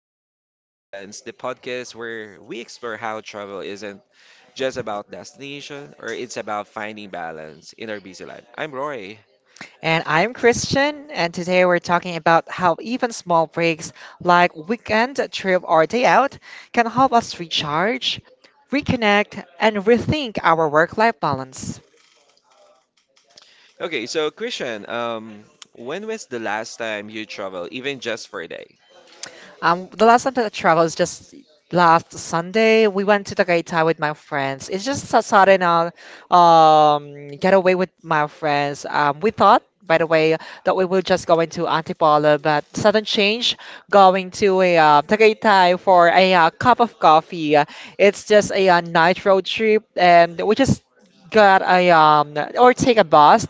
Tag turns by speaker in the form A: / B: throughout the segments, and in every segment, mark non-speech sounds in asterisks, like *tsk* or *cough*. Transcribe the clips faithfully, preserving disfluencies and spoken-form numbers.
A: Journey in Balance, the podcast where we explore how travel isn't just about destination or it's about finding balance in our busy life. I'm Roy.
B: And I'm Christian, and today we're talking about how even small breaks like weekend trip or day out can help us recharge, reconnect, and rethink our work life balance.
A: Okay, so Christian, um, when was the last time you traveled, even just for a day?
B: Um, the last time that I traveled is just last Sunday. We went to the Tagaytay with my friends. It's just a sudden uh, um, getaway with my friends. Um, we thought, by the way, that we were just going to Antipolo, but sudden change, going to a uh, Tagaytay for a uh, cup of coffee. It's just a, uh night road trip, and we just got a um, or take a bus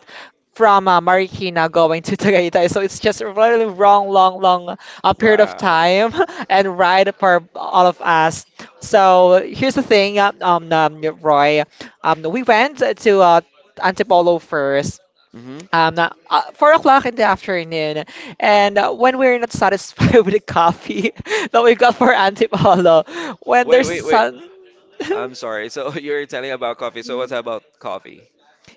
B: from uh, Marikina going to *laughs* Tagaytay. So it's just a really long, long, long uh, period of
A: Wow.
B: time *laughs* and ride for all of us. So here's the thing, uh, um, um, Roy. Um, we went to uh, Antipolo first.
A: Mm-hmm.
B: Um, uh, Four o'clock in the afternoon, and uh, when we're not satisfied *laughs* with the coffee *laughs* that we got for Antipolo, when
A: Wait,
B: there's a
A: wait, wait.
B: sun, *laughs*
A: I'm sorry. So *laughs* you're telling about coffee. So what about coffee?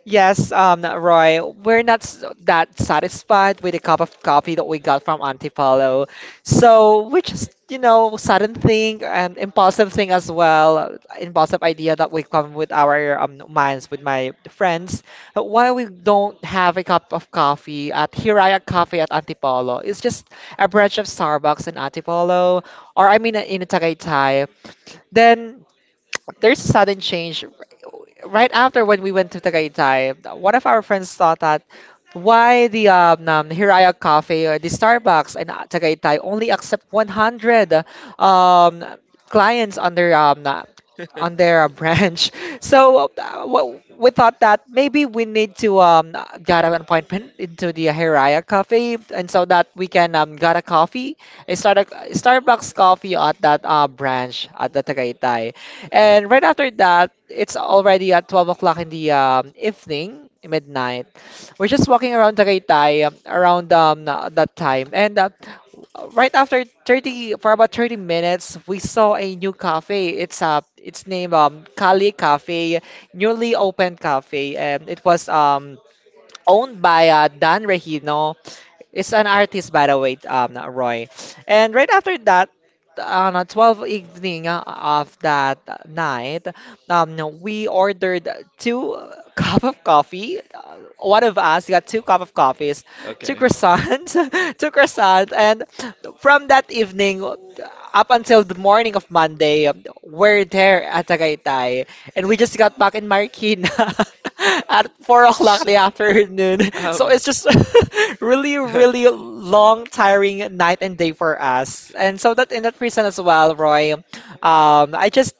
B: Yes, um, Roy, we're not s- that satisfied with the cup of coffee that we got from Auntie Paulo. So we just, you know, sudden thing and impulsive thing as well, impulsive idea that we come with our um, minds with my friends. But why we don't have a cup of coffee at Hiraya Coffee at Auntie Paulo? It's just a branch of Starbucks in Auntie Paulo, or I mean in Tagaytay. Then there's a sudden change right after when we went to Tagaytay. One of our friends thought that why the um, um, Hiraya Cafe or the Starbucks in uh, Tagaytay only accept one hundred um, clients on their um, uh, on their uh, *laughs* branch. So uh, wha- we thought that maybe we need to um, get an appointment into the Hiraya Cafe, and so that we can um, get a coffee, a, Star- Starbucks coffee at that uh, branch at the Tagaytay. And right after that, it's already at twelve o'clock in the um, evening, midnight. We're just walking around Tagaytay um, around um, na- that time. And uh, right after thirty for about thirty minutes, we saw a new cafe. It's uh, it's named um, Kali Cafe, newly opened cafe. And it was um, owned by uh, Dan Regino. It's an artist, by the way, um, Roy. And right after that, on a twelve evening uh, of that night, um, we ordered two *laughs* cup of coffee. Uh, One of us got two cup of coffees, two
A: Okay.
B: croissants, *laughs* two croissants, and from that evening up until the morning of Monday, we're there at Tagaytay. And we just got back in Marikina *laughs* at four o'clock in
A: So,
B: the afternoon. *laughs* So
A: um,
B: it's just *laughs* really, really
A: *laughs*
B: long, tiring night and day for us.
A: okay.
B: And so that in that reason as well, Roy, um, I just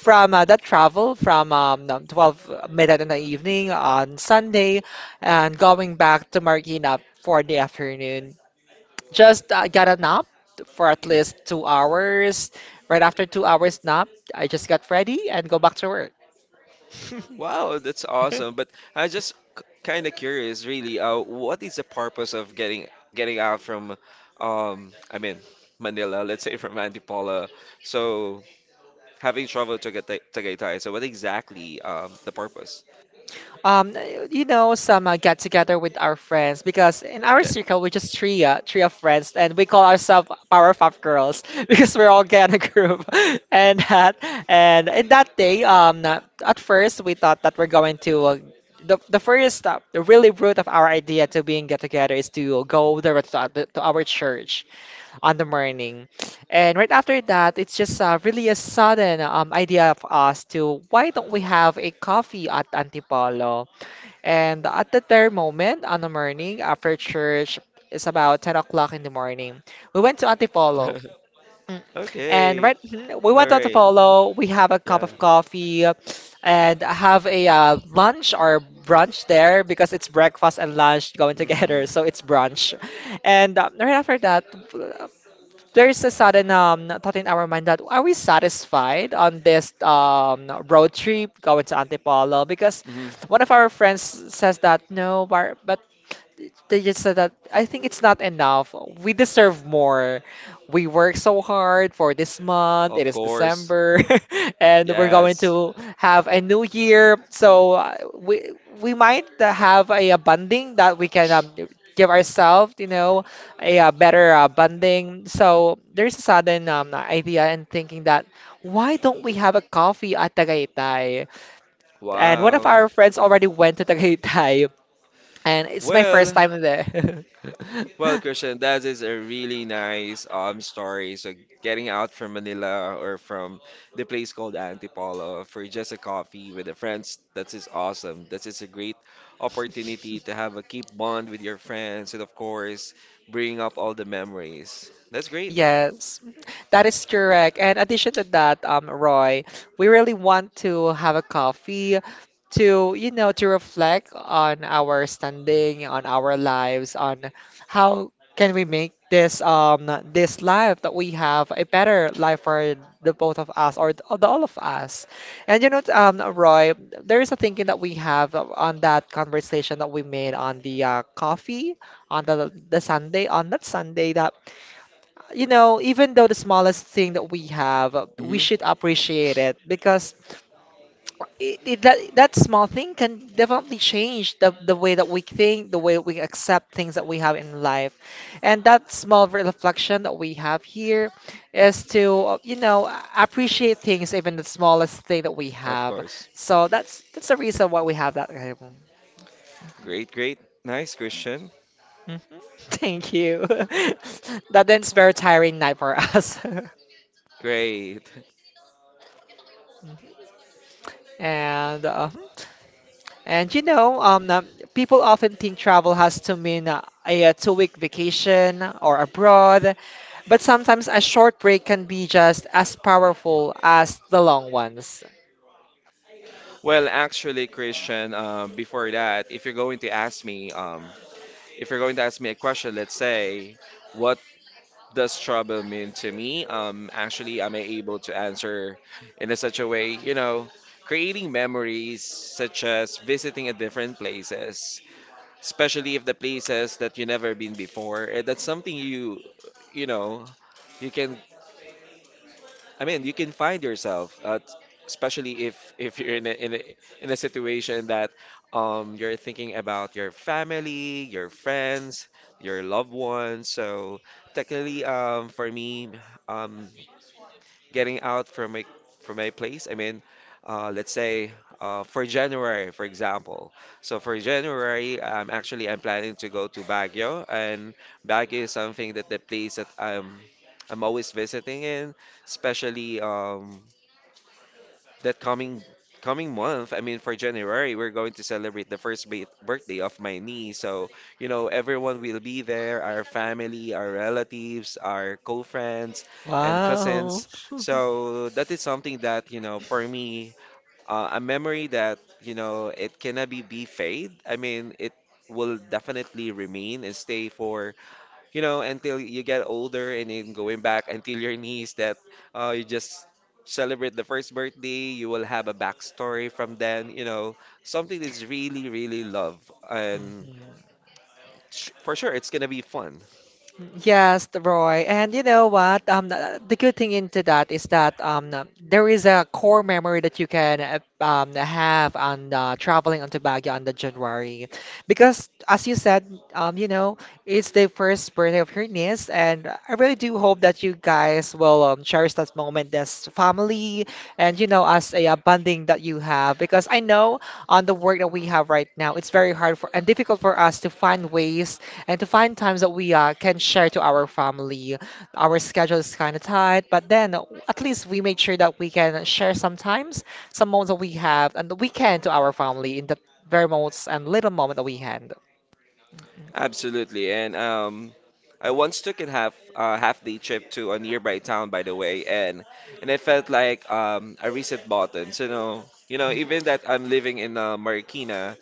B: from uh, that travel from um, um, twelve midnight in the evening on Sunday and going back to Marikina for the afternoon, just uh, got a nap for at least two hours. Right after two hours nap, I just got ready and go back to work. *laughs*
A: Wow, that's awesome. But I just kind of curious, really. Uh, what is the purpose of getting getting out from, um, I mean, Manila, let's say *laughs* from Antipolo. So having traveled to Tagay- Tagaytay. So what exactly um the purpose?
B: Um, you know, some uh, get together with our friends because in our
A: Okay.
B: circle we're just three, uh, three of friends, and we call ourselves Powerpuff Girls *laughs* because we're all get a group. *laughs* And that, and in that day, um, uh, at first we thought that we're going to. Uh, the, the first uh, the really root of our idea to being get together is to go direct to, our- to our church on the morning. And right after that, it's just uh, really a sudden um, idea of us to why don't we have a coffee at Antipolo? And at the third moment on the morning after church, it's about ten o'clock in the morning. We went to Antipolo.
A: *laughs*
B: Mm. And
A: Okay.
B: right, mhm, we
A: All
B: went out to
A: right.
B: follow. We have a cup of
A: Yeah.
B: coffee and have a uh, lunch or brunch there because it's breakfast and lunch going together.
A: Mm.
B: *laughs* So it's brunch. And uh, right after that, there's a sudden um thought in our mind that are we satisfied on this um road trip going to Antipolo? Because
A: Hmm.
B: one of our friends says that no, but, but they just said that I think it's not enough. We deserve more. We work so hard for this month. It
A: Of
B: is
A: course.
B: December, *laughs* and we're going
A: Yes.
B: to have a new year. So uh, we we might have a, uh, bonding that we can um, give ourselves, you know, a, uh better uh, bonding. So there's a sudden um, idea and thinking that why don't we have a coffee at Tagaytay? And one of
A: Wow.
B: our friends already went to Tagaytay and it's my first
A: Well,
B: time there. *laughs*
A: Well, Christian, that is a really nice um story. So getting out from Manila or from the place called Antipolo for just a coffee with the friends, that is awesome. That is a great opportunity to have a keep bond with your friends and of course bring up all the memories. That's great.
B: Yes, that is correct. And addition to that, um, Roy, we really want to have a coffee to, you know, to reflect on our standing, on our lives, on how can we make this um this life that we have a better life for the both of us or the, the all of us. And you know, um, Roy, there is a thinking that we have on that conversation that we made on the uh, coffee on the the Sunday on that Sunday that you know, even though the smallest thing that we have, uh, we
A: Hmm.
B: should appreciate it because it, it, that that small thing can definitely change the the way that we think, the way we accept things that we have in life, and that small reflection that we have here is to uh, you know appreciate things, even the smallest thing that we
A: Of
B: have.
A: course.
B: So that's that's the reason why we have that. Hmm
A: Great, great. Nice, Christian.
B: *laughs* Thank you. *laughs* That ends very tiring night for us. *laughs*
A: Great.
B: And uh, And you know, um, um, people often think travel has to mean uh, a, a two-week vacation or abroad, but sometimes a short break can be just as powerful as the long ones.
A: Well, actually, Christian, um, before that, if you're going to ask me, um, if you're going to ask me a question, let's say, what does trouble mean to me? Um, actually, am I able to answer in a such a way? You know, creating memories such as visiting a different places, especially if the places that you never been before. eh, That's something you, you know, you can I mean, you can find yourself, uh, t- especially if if you're in a, in a, in a situation that um, you're thinking about your family, your friends, your loved ones. So technically, um, for me, um, getting out from my from my place. I mean, uh, let's say uh, for January, for example. So for January, I'm actually I'm planning to go to Baguio, and Baguio is something that the place that I'm I'm always visiting in, especially um, that coming coming month, I mean for January, we're going to celebrate the first ba- birthday of my niece. So, you know, everyone will be there, our family, our relatives, our co-friends and
B: Wow.
A: cousins. So, that is something that, you know, for me, uh, a memory that, you know, it cannot be be fade. I mean, it will definitely remain and stay for you know, until you get older and then going back until your niece that uh, you just celebrate the first birthday, you will have a backstory from then, you know, something that's really, really love. And
B: *laughs*
A: sh- for sure, it's going to be fun.
B: Yes, the Roy. And you know what? Um, th- the good thing into that is that um, uh, there is a core memory that you can uh, um, have on uh, traveling on Baguio on the January, because as you said, um, you know, it's the first birthday of your niece, and I really do hope that you guys will um, cherish that moment as family, and you know, as a uh, bonding that you have. Because I know on the work that we have right now, it's very hard for and difficult for us to find ways and to find times that we uh, can share to our family. Our schedule is kind of tight, but then at least we made sure that we can share sometimes some moments that we have and we can to our family in the very moments and little moment that we had.
A: Absolutely. And um, I once took a half uh, half day trip to a nearby town, by the way, and and I felt like um, a reset button. So, you know, you know, even that I'm living in uh, Marikina,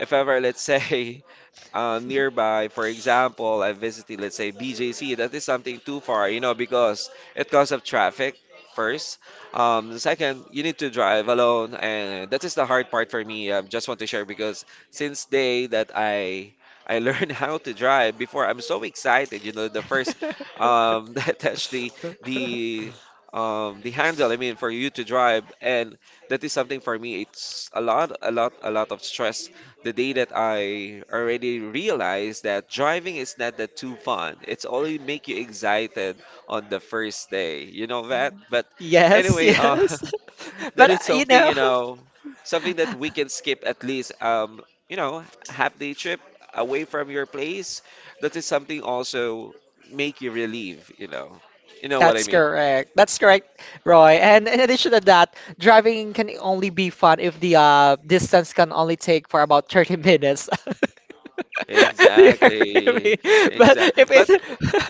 A: if ever, let's say, *laughs* uh, nearby, for example, I visited, let's say, B J C, that is something too far, you know, because it cause of traffic first. Um, the second, you need to drive alone, and that is the hard part for me. I just want to share because since day that I I learned *laughs* how to drive before, I'm so excited, you know, the first
B: *laughs*
A: um, *laughs* that touched the the um, the handle, I mean, for you to drive, and that is something for me. It's a lot, a lot, a lot of stress the day that I already realized that driving is not that too fun. It's only make you excited on the first day. You know that? But
B: Yes,
A: anyway, uh
B: yes.
A: *laughs*
B: *laughs*
A: that
B: But uh,
A: is
B: you
A: something,
B: know,
A: you know, something that we
B: *laughs*
A: can skip at least um, you know, half day trip away from your place. That is something also make you relieve, you know. You know what I
B: That's
A: mean?
B: correct. That's correct, Roy. And in addition to that, driving can only be fun if the uh, distance can only take for about thirty minutes. *laughs* Do you agree with me?
A: Exactly.
B: But
A: Exactly.
B: if
A: But
B: it,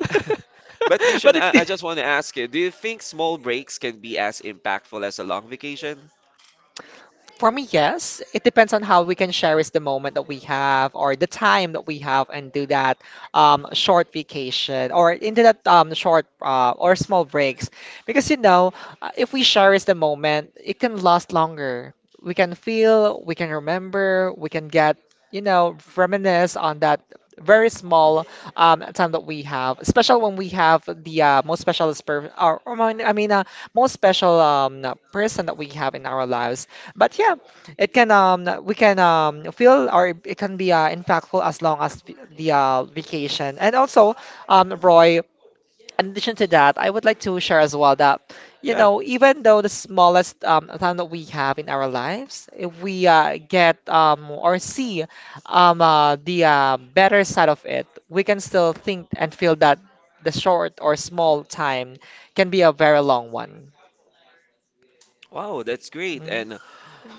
A: *laughs* But
B: *laughs*
A: Christian,
B: but it,
A: I, I just
B: *laughs*
A: want to ask you, do you think small breaks can be as impactful as a long vacation?
B: For me, yes. It depends on how we can cherish the moment that we have or the time that we have and do that um, short vacation or into that um, short uh, or small breaks. Because, you know, uh, if we cherish the moment, it can last longer. We can feel, we can remember, we can get, you know, reminisce on that very small um, time that we have, especially when we have the uh, most special, per- or, or I mean, I mean, uh, most special um, person that we have in our lives but yeah, it can um we can um feel or it it can be uh, impactful as long as v- the uh, vacation. And also, um Roy, in addition to that, I would like to share as well that you
A: Yeah.
B: know even though the smallest um time that we have in our lives, if we uh, get um or see um uh, the uh, better side of it, we can still think and feel that the short or small time can be a very long one.
A: Wow, that's great.
B: Mm.
A: And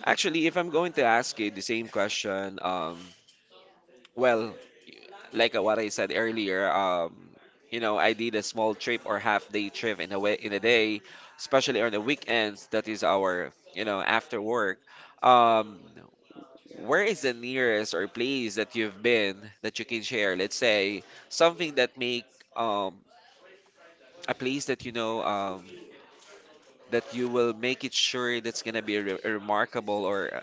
A: actually, if I'm going to ask you the same question, um, well, like uh, what I said earlier, um, you know, I did a small trip or half day trip in a way in a day, especially on the weekends. That is our, you know, after work. Um, where is the nearest or place that you've been that you can share? Let's say something that make um a place that you know um, that you will make it sure that's gonna be re- remarkable or uh,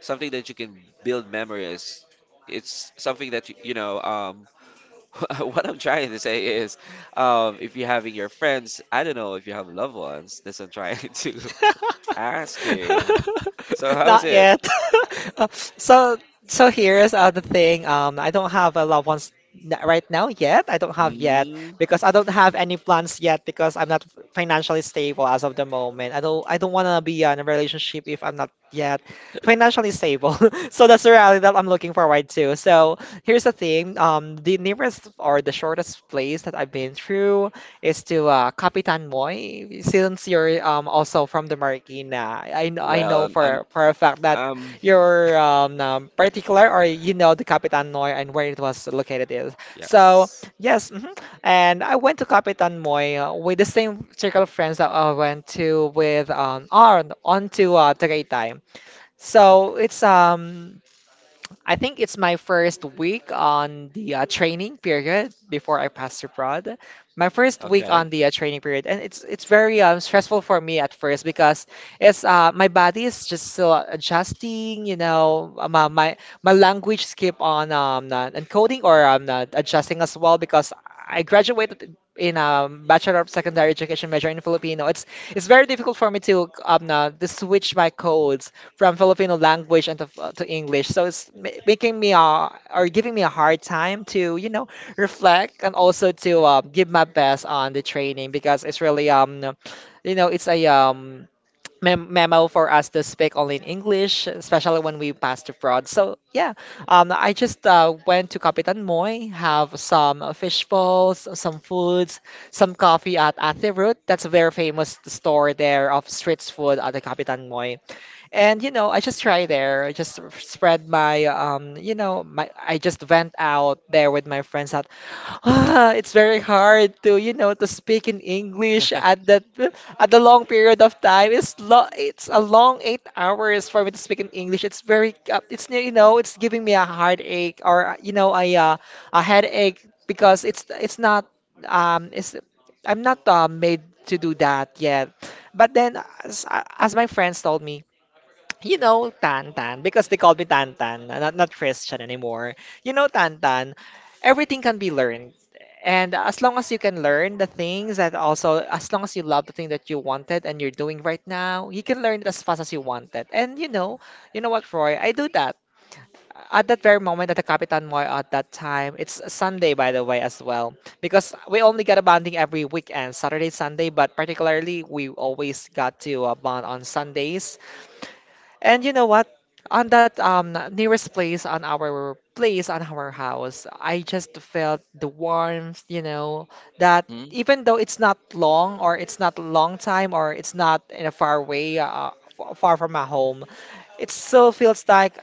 A: something that you can build memories. It's something that y- you know. Um, *laughs* what I'm trying to say is, um, if you're having your friends, I don't know if you have loved ones. That's *laughs* what I'm trying *laughs* to ask
B: *laughs*
A: you. So how's
B: Not
A: it?
B: yet. *laughs* Uh, so so here's uh, the thing. Um, I don't have a loved ones n- right now yet. I don't have yet
A: Mm,
B: because I don't have any plans yet because I'm not financially stable as of the moment. I don't I don't want to be in a relationship if I'm not yet financially stable. *laughs* So that's the reality that I'm looking forward to. So here's the thing. Um, the nearest or the shortest place that I've been through is to uh, Capitan Moy, since you're um, also from the Marikina. I know I
A: well,
B: know
A: um,
B: for for a fact
A: um,
B: that
A: um,
B: you're um, um, particular, or you know the Capitan Moy and where it was located is. So
A: yes.
B: yes, mhm. And I went to Capitan Moy uh, with the same circle of friends that I went to with um on on to uh, Tagaytay. So it's um I think it's my first week on the uh, training period before I passed abroad. My first week
A: Okay.
B: on the uh, training period, and it's it's very um, stressful for me at first, because it's uh, my body is just still adjusting. You know, uh, my my, my language skip on um uh, encoding, or um uh, adjusting as well, because I graduated in um, Bachelor of Secondary Education major in Filipino. It's it's very difficult for me to um uh, to switch my codes from Filipino language and to, uh, to English. So it's ma- making me uh, or giving me a hard time to, you know, reflect, and also to uh, give my best on the training, because it's really um you know, it's a um mem memo for us to speak only in English, especially when we passed abroad. So yeah, um, I just uh, went to Capitan Moy, have some uh, fish balls, some foods, some coffee at Ate Ruth. That's a very famous store there of street food at the Capitan Moy. And you know, I just try there. I just r- spread my um, you know, my, I just vent out there with my friends that ah, it's very hard to, you know, to speak in English at that, at the long period of time. It's lo it's a long eight hours for me to speak in English. It's very uh, it's, you know, it's giving me a heartache, or uh, you know, a uh, a headache, because it's it's not, um it's I'm not uh, made to do that yet. But then, as, as my friends told me, you know, Tan Tan, because they called me Tan Tan, not, not Christian anymore. You know, Tan Tan, everything can be learned. And as long as you can learn the things, that also, as long as you love the thing that you wanted and you're doing right now, you can learn it as fast as you want it. And you know, you know what, Roy, I do that. At that very moment at the Capitan Moy, at that time, it's a Sunday, by the way, as well, because we only get a bonding every weekend, Saturday, Sunday, but particularly we always got to uh, bond on Sundays. And you know what? On that um nearest place, on our place on our house, I just felt the warmth, you know, that,
A: Mm,
B: even though it's not long, or it's not a long time, or it's not in a far way, uh, f- far from my home, it still feels like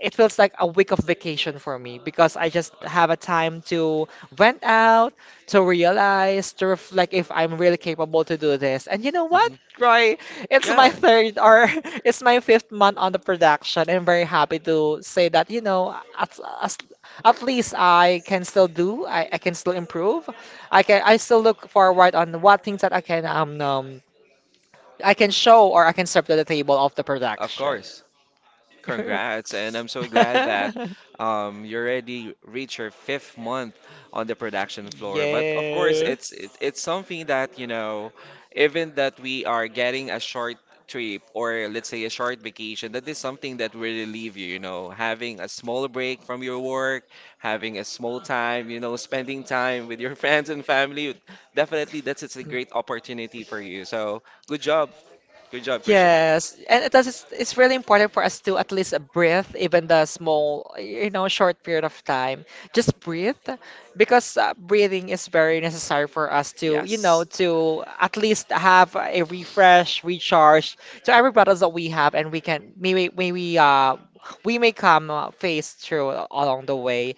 B: it feels like a week of vacation for me, because I just
A: okay.
B: have a time to vent out, to realize, to reflect if I'm really capable to do this. And you know what,
A: Hmm.
B: Roy? It's my
A: Yeah,
B: third, or *laughs* it's my fifth month on the production. I'm very happy to say that, you know, at, as, at least I can still do, I, I can still improve. I can I still look forward on what things that I can um, um I can show or I can serve to the table of the
A: of
B: production.
A: course. Congrats, and I'm so glad that
B: *laughs*
A: um, you already reached your fifth month on the production floor. But of course, it's
B: Yes.
A: it, it's something that you know, even that we are getting a short trip or let's say a short vacation, that is something that will relieve you. You know, having a small break from your work, having a small time, you know, spending time with your *laughs* friends and family. Definitely, that's it's a great opportunity for you. So good job, good job, Christian.
B: Yes, and it does, it's it's really important for us to at least breathe, even the small, you know, short period of time. Just breathe, because uh, breathing is very necessary for us to, you know,
A: Yes,
B: to at least have a refresh, recharge to every battles that we have. And we can, maybe maybe uh we may come, uh, face through along the way.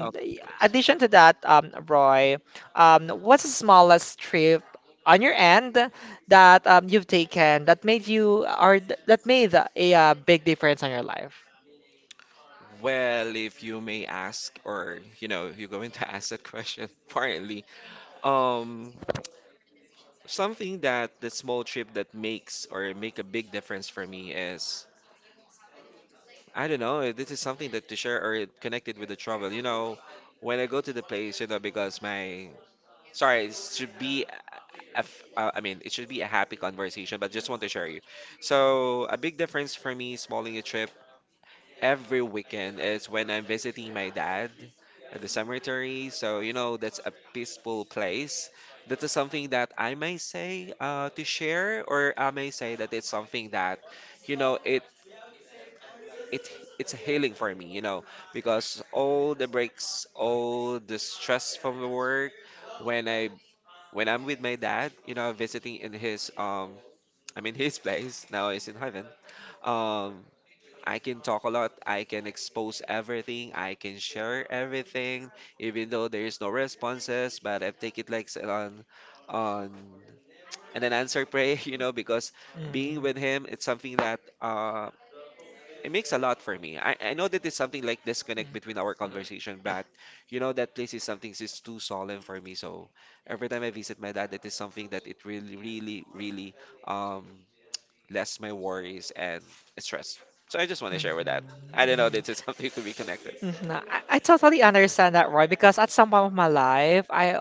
A: of
B: uh,
A: course.
B: addition to that, um, Roy, um, what's the smallest trip on your end, that um, you've taken, that made you, or th- that made a, uh big difference on your life?
A: Well, if you may ask, or you know, you're going to *laughs* ask that question *laughs* partly. Um, something that the small trip that makes or make a big difference for me is I don't know. If This is something that to share or it connected with the travel. You know, when I go to the place, you know, because my sorry, it should be a f- uh, I mean, it should be a happy conversation, but just want to share you. So, a big difference for me, smalling a trip every weekend is when I'm visiting my dad at the cemetery. So, you know, that's a peaceful place. That is something that I may say uh, to share, or I may say that it's something that, you know, it it it's a healing for me, you know, because all the breaks, all the stress from the work, when I when I'm with my dad, you know, visiting in his um, I mean his *laughs* place now is in heaven. Um, I can talk a lot. I can expose everything. I can share everything, even though there is no responses. But I take it like s- on, on, and then answer pray. *laughs* You know, because being with
B: Mhm.
A: him, it's something that uh, it makes a lot for me. I, I know that it's something like disconnect between our conversation, but you know that place is something is too solemn for me. So every time I visit my dad, that is something that it really, really, really um less my worries and stress. So I just want to share with that.
B: Mhm.
A: I don't know, this is *laughs* something to be connected.
B: Hmm. I, I totally understand that, Roy, because at some point of my life, I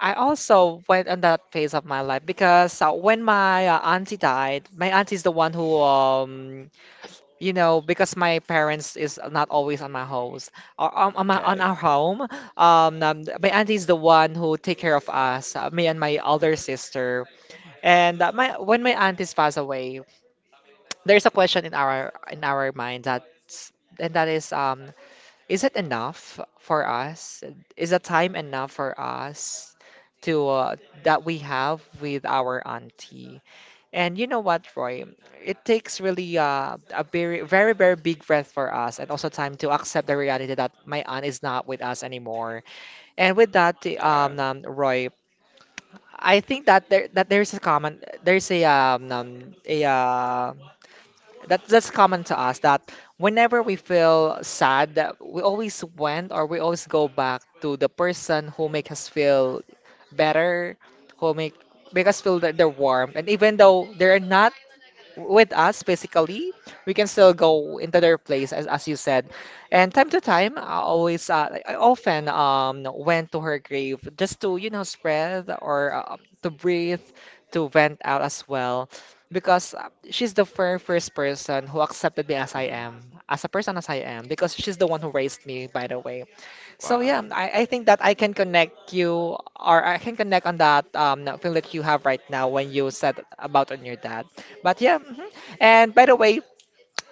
B: I also went on that phase of my life, because uh, when my uh, auntie died, my auntie's the one who um you know, because my parents is not always on my house, or on, on my
A: Okay.
B: on our home. Um, um, my auntie is the one who take care of us, uh, me and my older sister. And uh, my when my aunties pass away, there's a question in our, in our mind, that, and that is, um, is it enough for us? Is the time enough for us to, uh, that we have with our auntie? And you know what, Roy? It takes really uh, a very, very, very big breath for us, and also time to accept the reality that my aunt is not with us anymore. And with that, um,
A: Um,
B: um, Roy, I think that there that there's a common, there's a um, um a, uh, that that's common to us, that, whenever we feel sad, that we always went, or we always go back to the person who make us feel better, who make make us feel that they're warm, and even though they're not with us physically, we can still go into their place, as, as you said. And time to time, I always, uh, like, I often um, went to her grave just to, you know, spread, or um, to breathe, to vent out as well. Because uh, she's the very first person who accepted me as I
A: mhm.
B: am, as a person as I am, because she's the one who raised me, by the way. So yeah,
A: Wow.
B: I, I think that I can connect you, or I can connect on that um feeling that you have right now when you said about on your dad. But yeah, mhm. And by the way,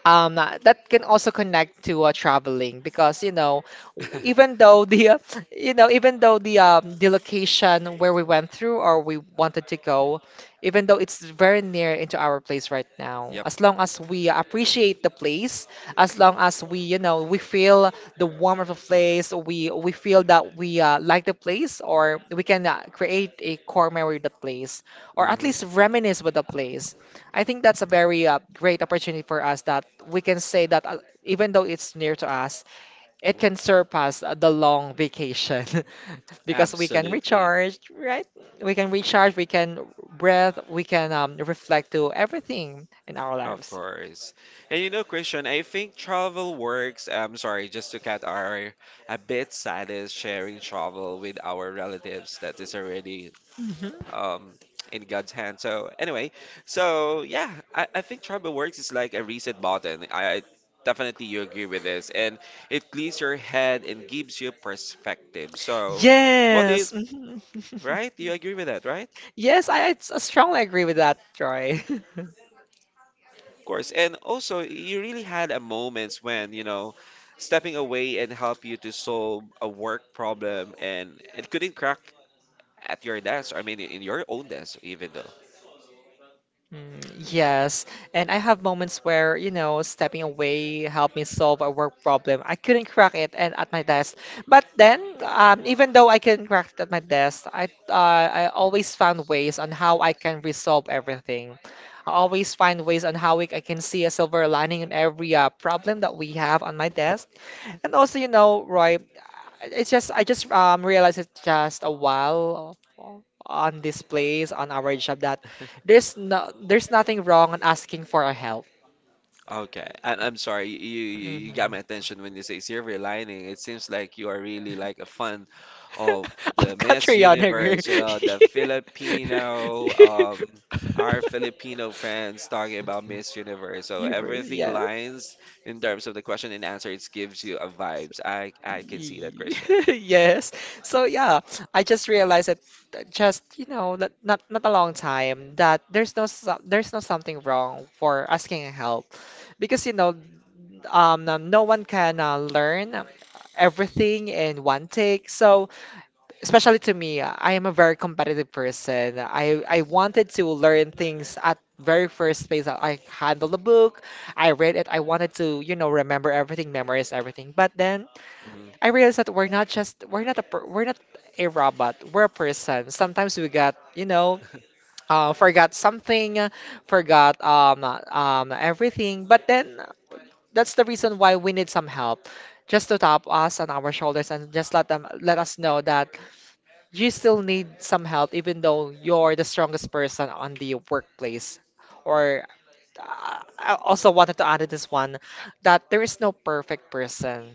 B: um that that can also connect to uh, traveling, because you know, w-
A: *laughs*
B: even though the uh, *laughs* you know even though the, um the location, where we went through, or we wanted to go, even though it's very near into our place right now,
A: Yep.
B: as long as we appreciate the place, as long as we you know we feel the warmth of the place, we we feel that we uh, like the place, or we can uh, create a core memory with the place, or at
A: Mm-hmm.
B: least reminisce with the place. I think that's a very uh, great opportunity for us, that we can say that, uh, even though it's near to us, it can surpass, uh, the long vacation, *laughs* because we can
A: Absolutely.
B: recharge, right? We can recharge, we can breathe, we can um, reflect to everything in our
A: Of
B: lives.
A: course. And you know, Christian, I think travel works. I'm sorry, just to cut our a bit sad is sharing travel with our relatives that is already
B: Mhm.
A: um in God's hand. So anyway, so yeah, I, I think Tribal Works is like a reset button. I, I definitely you agree with this, and it clears your head and gives you perspective. So what
B: Yes.
A: is
B: Mhm.
A: right?
B: *laughs*
A: You agree with that, right?
B: Yes, I, I s- strongly agree with that, Troy. *laughs*
A: Of course, and also you really had a moments when you know stepping away and help you to solve a work problem, and it couldn't crack at your desk. I mean, in your own desk, even though.
B: Mm, yes, and I have moments where, you know, stepping away helped me solve a work problem. I couldn't crack it and at my desk. But then, um, even though I couldn't crack it at my desk, I uh, I always found ways on how I can resolve everything. I always find ways on how we, I can see a silver lining in every uh, problem that we have on my desk. And also, you know, Roy, it's just, I just um realized it just a while, on this place on our job, that there's no there's nothing wrong on asking for a help.
A: Okay, and I'm sorry, you, you you got my
B: Mm-hmm.
A: attention when you say silver lining. It seems like you are really like a fan of
B: *laughs*
A: the
B: Of
A: Miss
B: Catriona, *laughs* girl.
A: Universe, you know, the Filipino, um, our Filipino friends talking about Miss Universe. So
B: Hubris,
A: everything
B: yes.
A: lines in terms of the question and answer. It gives you a vibes. I I can see that,
B: Y-
A: Christian.
B: *laughs* Yes. So yeah, I just realized that, uh, just, you know, not not, not a long time, that there's no so- there's no something wrong for asking help, because you know um no no one can uh, learn um, everything in one take. So, especially to me, uh, I am a very competitive person. I I wanted to learn things at very first place I handled the book, I read it, I wanted to, you know, remember everything, memorize everything. But then I
A: Hmm.
B: realized that we're not just, we're not a per- we're not a robot. We're a person. Sometimes we got, you know uh, forgot something, forgot um um everything. But then that's the reason why we need some help, just to tap us on our shoulders and just let them let us know that you still need some help even though you're the strongest person on the workplace or uh, I also wanted to add this one that there is no perfect person,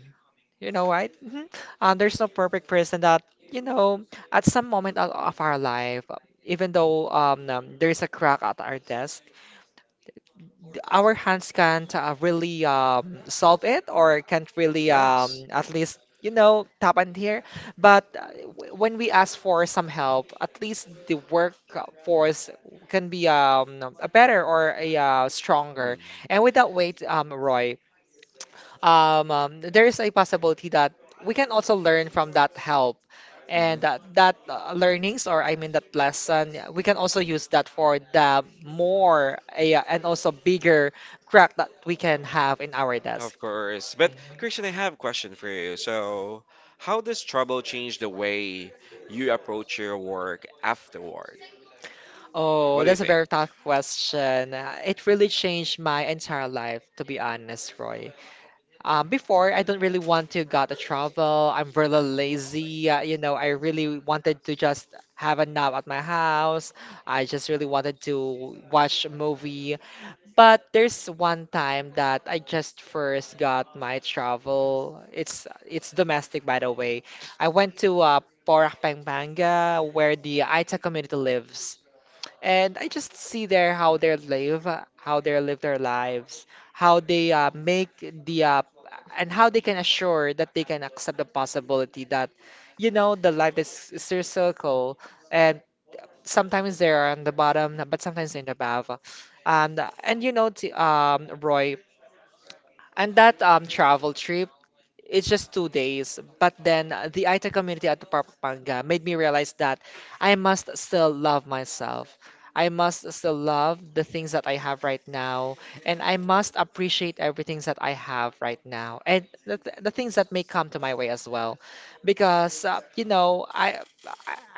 B: you know, right. Hmm uh, there's no perfect person that, you know, at some moment of, of our life, even though um, um, there's a crack at our desk our hands can't uh, really um, solve it or can't really
A: Yes.
B: um, at least, you know, tap in here. But uh, w- when we ask for some help, at least the workforce can be um, a better or a uh, stronger.
A: Mm-hmm.
B: And with that weight, um, Roy, um, um, there is a possibility that we can also learn from that help, and
A: Mm-hmm.
B: that, that uh, learnings, or I mean that lesson, yeah, we can also use that for the more uh, and also bigger crack that we can have in our desk.
A: Of course. But
B: Mhm.
A: Christian, I have a question for you. So, how does trouble change the way you approach your work afterward? What
B: Oh,
A: do you
B: that's a
A: think?
B: very tough question. Uh, It really changed my entire life, to be honest, Roy. Um, before, I don't really want to go to travel. I'm really lazy. Uh, you know, I really wanted to just have a nap at my house. I just really wanted to watch a movie. But there's one time that I just first got my travel. It's it's domestic, by the way. I went to uh, Porac, Pampanga, where the Aita community lives. And I just see there how they live, uh, how they live their lives, how they uh, make the uh, and how they can assure that they can accept the possibility that, you know, the life is, is their circle, and sometimes they're on the bottom, but sometimes they're in the above. And and you know, t- um, Roy, and that um travel trip, it's just two days. But then uh, the Aita community at Papanga made me realize that I must still love myself. I must still love the things that I have right now, and I must appreciate everything that I have right now, and the, th- the things that may come to my way as well, because uh, you know, I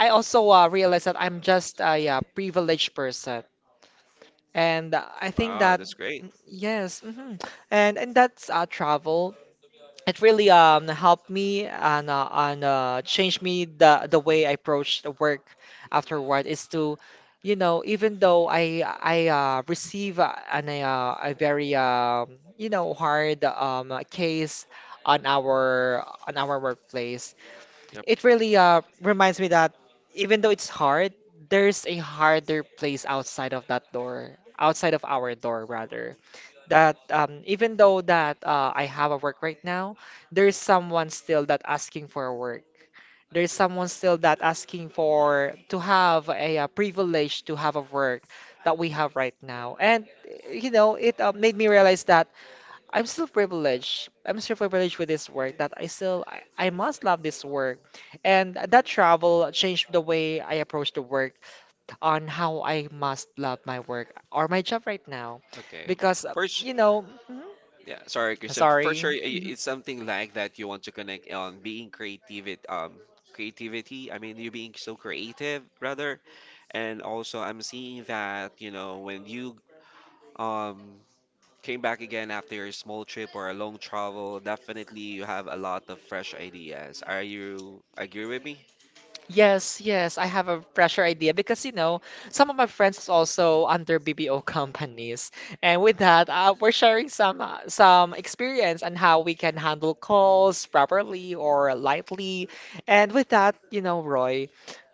B: I I also uh, realize that I'm just a uh, privileged person. And I think
A: Wow,
B: that
A: that's great.
B: yes. Hmm And and that's uh, travel. It really um helped me and uh, and uh, changed me. The the way I approach the work afterward is to, you know, even though I I uh, receive uh, an uh, a very um you know hard um uh, case on our on our workplace.
A: Yep.
B: It really uh, reminds me that, even though it's hard, there's a harder place outside of that door, outside of our door, rather. That um, even though that uh, I have a work right now, there's someone still that asking for work. There's someone still that asking for to have a, uh, privilege to have a work that we have right now. And you know, it uh, made me realize that I'm still privileged. I'm still privileged with this work that I still I, I must love this work. And that travel changed the way I approach the work on how I must love my work or my job right now.
A: Okay.
B: Because uh,
A: First,
B: you know, mhm,
A: yeah, sorry, Christian. For
B: sorry.
A: sure, i- it's something like that you want to connect on being creative, it- um, creativity. I mean, you being so creative, rather. And also, I'm seeing that, you know, when you um Came back again after a small trip or a long travel. Definitely, you have a lot of fresh ideas. Are you agree with me?
B: Yes, yes, I have a fresher idea because you know some of my friends is also under B P O *laughs* companies, and with that, uh, we're sharing some uh, some experience on how we can handle calls properly or lightly, and with that, you know, Roy,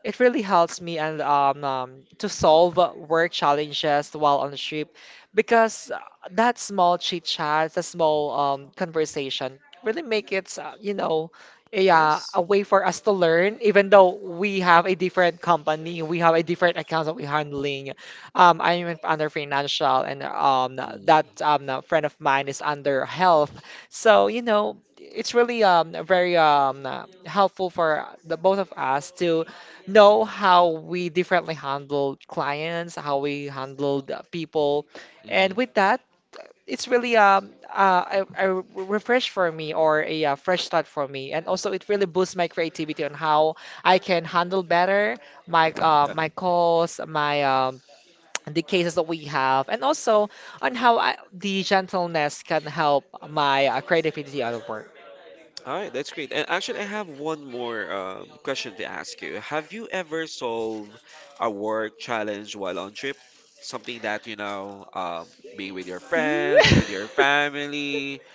B: it really helps me and um, um to solve work challenges while on the trip because uh, that small chit chat, that small um conversation really make it, uh, you know, yeah,
A: Yes.
B: a way for us to learn, even though we have a different company, we have a different accounts that we're handling. Um, I'm in- under financial, and um, that
A: Mm-hmm.
B: um, a friend of mine is under health. So, you know, it's really um, very um, uh, helpful for the both of us to know how we differently handle clients, how we handle people. And with that, it's really um uh, a, a refresh for me or a, uh, fresh start for me, and also it really boosts my creativity on how I can handle better my uh,
A: Yeah.
B: my calls, my um *tsk* the cases that we have, and also on how I, the gentleness can help my uh, creativity at work.
A: All right, that's great. And actually, I have one more um, question to ask you. Have you ever solved a work challenge while on trip? Something that, you know, um, being with your friends, with your
B: *laughs*
A: family. *laughs*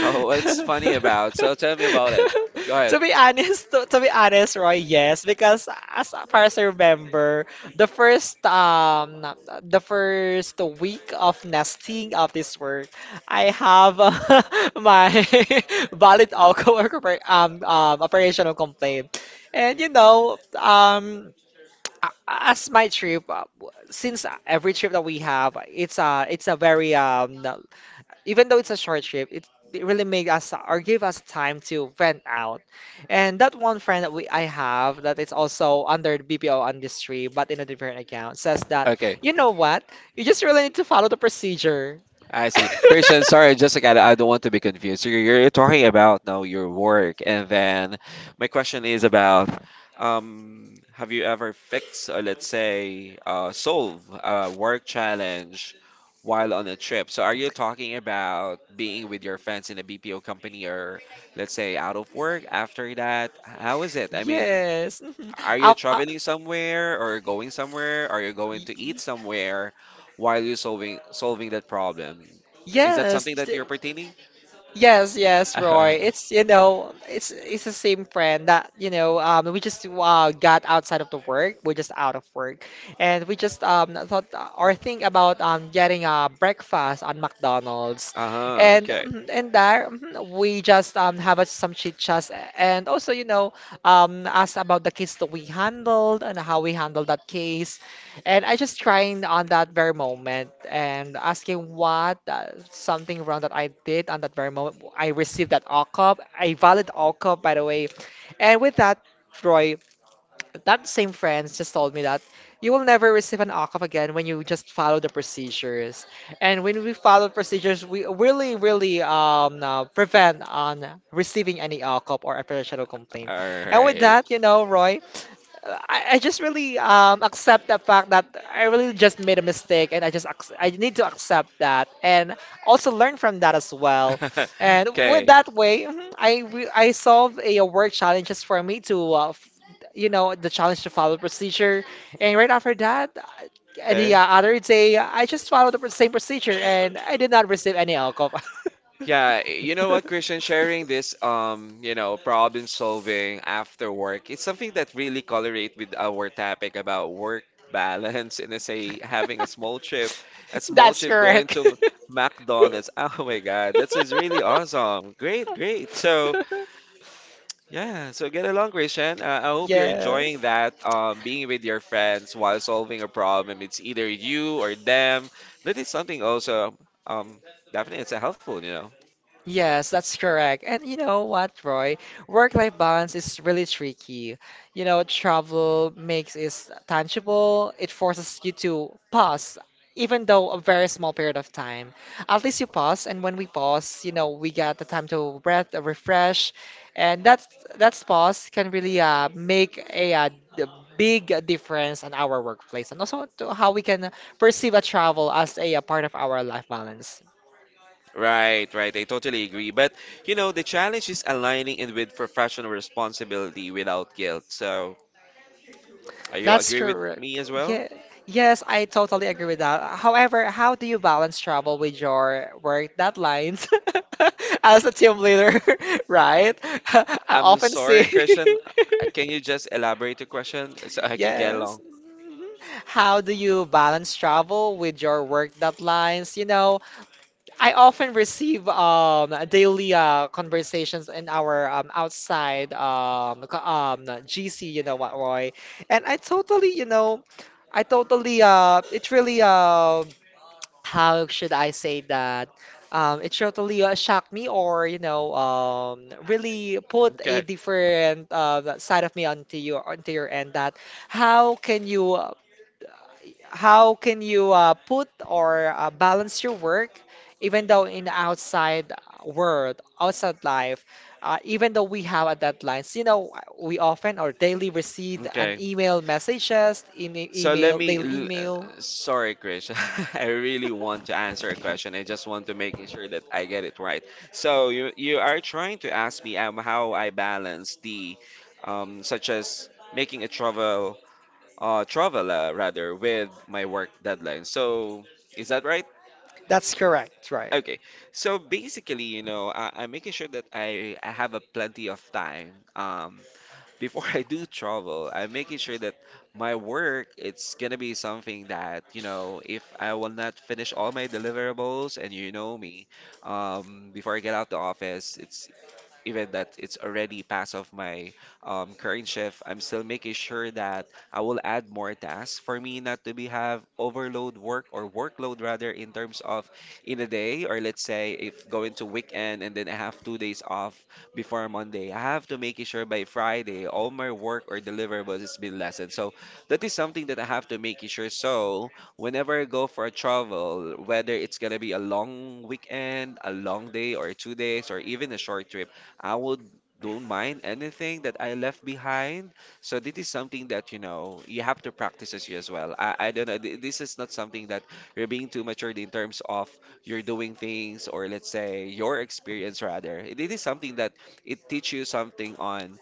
A: Oh, what's funny about? So tell me about it. Go ahead.
B: To be honest, to, to be honest, Roy, yes, because as far as I remember, the first um the first week of nesting of this work, I have uh, *laughs* my *laughs* valid alcohol oper- um, um operational complaint, and you know, um, a- as my trip, uh, w- since uh, every trip that we have, it's a it's a very um even though it's a short trip, it, it really made us or gave us time to vent out. And that one friend that we I have that is also under the B P O industry but in a different account says that,
A: Okay.
B: you know what? You just really need to follow the procedure.
A: I see. Christian,
B: *laughs*
A: sorry, Jessica, I I don't want to be confused. So You're, you're talking about now your work, and then my question is about um, have you ever fixed, or let's say uh, solve a work challenge while on a trip? So are you talking about being with your friends in a B P O company, or let's say out of work after that? How is it? I mean,
B: Yes. Mhm.
A: are you
B: Af- a-
A: traveling somewhere or going somewhere? Are you going to eat
B: y-
A: somewhere while you're solving solving that problem? Is that
B: Yes.
A: something that
B: th-
A: you're pertaining?
B: Yes, yes, Roy.
A: *laughs*
B: It's you know, it's it's the same friend that you know. Um, we just uh, got outside of the work. We're just out of work, and we just um thought uh, or think about um getting a breakfast on McDonald's,
A: Uh-huh,
B: and
A: okay.
B: um, and there, mhm, we just um have us some chit chats, and also you know, um ask about the case that we handled and how we handled that case, and I just crying on that very moment and asking what, uh, something wrong that I did on that very moment. I received that O C O P, a valid O C O P, by the way. And with that, Roy, that same friends just told me that you will never receive an O C O P again when you just follow the procedures. And when we follow procedures, we really, really um, uh, prevent on receiving any O C O P or a professional complaint.
A: All
B: And with
A: right.
B: that, you know, Roy, I, I just really um accept the fact that I really just made a mistake, and I just ac- I need to accept that and also learn from that as well. And
A: *laughs*
B: with
A: Okay.
B: that way, mhm, I re- I solve a, uh, work challenges for me to uh, f- you know the challenge to follow procedure. And right after that, uh, and the
A: Okay.
B: uh, other day, I just followed the pr- same procedure and I did not receive any alcohol.
A: Yeah, you know what, Christian,
B: *laughs*
A: sharing this, um, you know, problem solving after work, it's something that really correlate with our topic about work *laughs* balance, and I say having a small trip, a small
B: That's
A: trip going
B: correct.
A: to McDonald's. *laughs* Oh my God, that's is really
B: *laughs*
A: awesome. Great, great. So yeah, so get along, Christian. Uh, I hope you're
B: Yes.
A: enjoying that, um, being with your friends while solving a problem. It's either you or them. That is something also, um, definitely it's a helpful, you know.
B: Yes, that's correct. And you know what, Roy? Work-life balance is really tricky. You know, travel makes it tangible. It forces you to pause, even though a very small period of time. At least you pause, and when we pause, you know, we get the time to breath, uh, refresh, and that's that's pause can really uh, make a uh, d- big difference on our workplace, and also to how we can perceive a travel as a, uh, part of our life balance.
A: Right, right. I totally agree. But, you know, the challenge is aligning it with professional responsibility without guilt. So, are you
B: That's
A: agree with
B: correct.
A: me as well?
B: Yeah. Yes, I totally agree with that. However, how do you balance travel with your work deadlines *laughs* as a team leader, *laughs* right? *laughs* I
A: I'm
B: often see.
A: sorry, Christian. Uh, Can you
B: *laughs*
A: just elaborate the question *laughs* so I can get
B: Yes.
A: along?
B: Mhm. How do you balance travel with your work deadlines? You know, I often receive um daily uh conversations in our um outside um co- um G C, you know what, Roy? And I totally, you know, I totally uh it really uh how should I say that? Um, it totally uh, shocked me, or you know, um, really put a
A: Okay.
B: different uh, side of me onto your onto your end. That how can you how can you uh, put or uh, balance your work even though in the outside world, outside life, uh, even though we have a deadlines, you know, we often or daily receive an
A: Okay.
B: email messages in the
A: So let
B: email
A: me.
B: daily
A: l-
B: email.
A: uh, Sorry, Krish. *laughs* I really want to answer a question. I just want to make sure that I get it right. So you you are trying to ask me um, how I balance the um such as making a travel uh, travel uh, rather, with my work deadline. So is that right?
B: That's correct, right?
A: Okay. So basically, you know, I, I'm making sure that I, I have a plenty of time. Um, before *laughs* I do travel, I'm making sure that my work it's gonna be something that, you know, if I will not finish all my deliverables, and you know me, um, before I get out the office, it's even that it's already past of my um, current shift, I'm still making sure that I will add more tasks for me not to be have overload work, or workload rather, in terms of in a day, or let's say if going to weekend and then I have two days off before Monday. I have to make it sure by Friday all my work or deliverables has been lessened. So that is something that I have to make it sure. So whenever I go for a travel, whether it's gonna be a long weekend, a long day or two days or even a short trip, I would don't mind anything that I left behind. So this is something that you know you have to practice as you as well. I, I don't know. th- This is not something that you're being too matured in terms of you're doing things, or let's say your experience rather. It, it is something that it teach you something on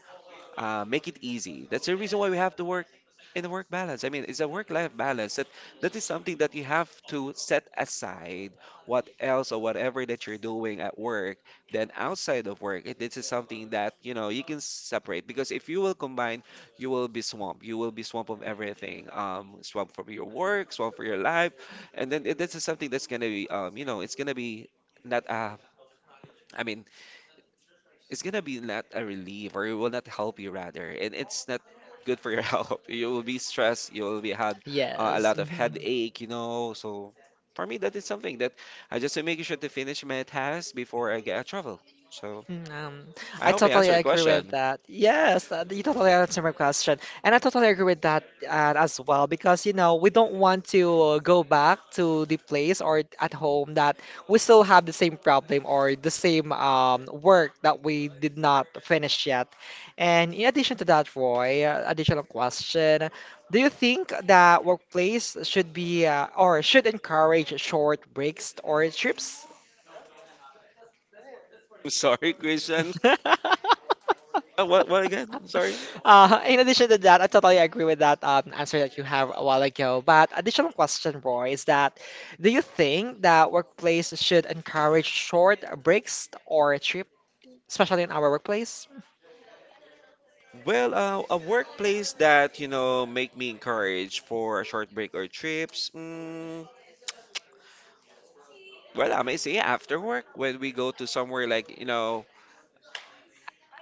A: uh, make it easy. That's the reason why we have to work in a work balance. I mean, it's a work-life balance. That that is something that you have to set aside what else or whatever that you're doing at work. Then outside of work, it- this is something that you know you can separate, because if you will combine, you will be swamped. You will be swamped of everything. Um, swamped from your work, swamped for your life, and then it- this is something that's gonna be um, you know, it's gonna be not uh, I mean it's gonna be not a relief, or it will not help you rather, and it's not good for your *laughs* health. You will be stressed, you will be had uh, a
B: Yes,
A: lot of
B: mhm.
A: headache, you know. So for me, that is something that I just to make sure to finish my task before I get a travel. So
B: Mm, um,
A: I
B: I
A: hope I
B: totally
A: answered your
B: agree with
A: question.
B: that. Yes, uh, you totally answered my question. And I totally agree with that uh, as well because, you know, we don't want to go back to the place or at home that we still have the same problem or the same um, work that we did not finish yet. And in addition to that, Roy, uh, additional question, do you think that workplace should be uh, or should encourage short breaks or trips?
A: *laughs* Sorry, Christian.
B: *laughs*
A: Uh, what, what again, I'm sorry?
B: Uh, in addition to that, I totally agree with that um, answer that you have a while ago. But additional question, Roy, is that do you think that workplace should encourage short breaks or a trip, especially in our workplace?
A: Well, uh, a workplace that you know make me encourage for a short break or trips, mm, well, I may say after work when we go to somewhere like, you know,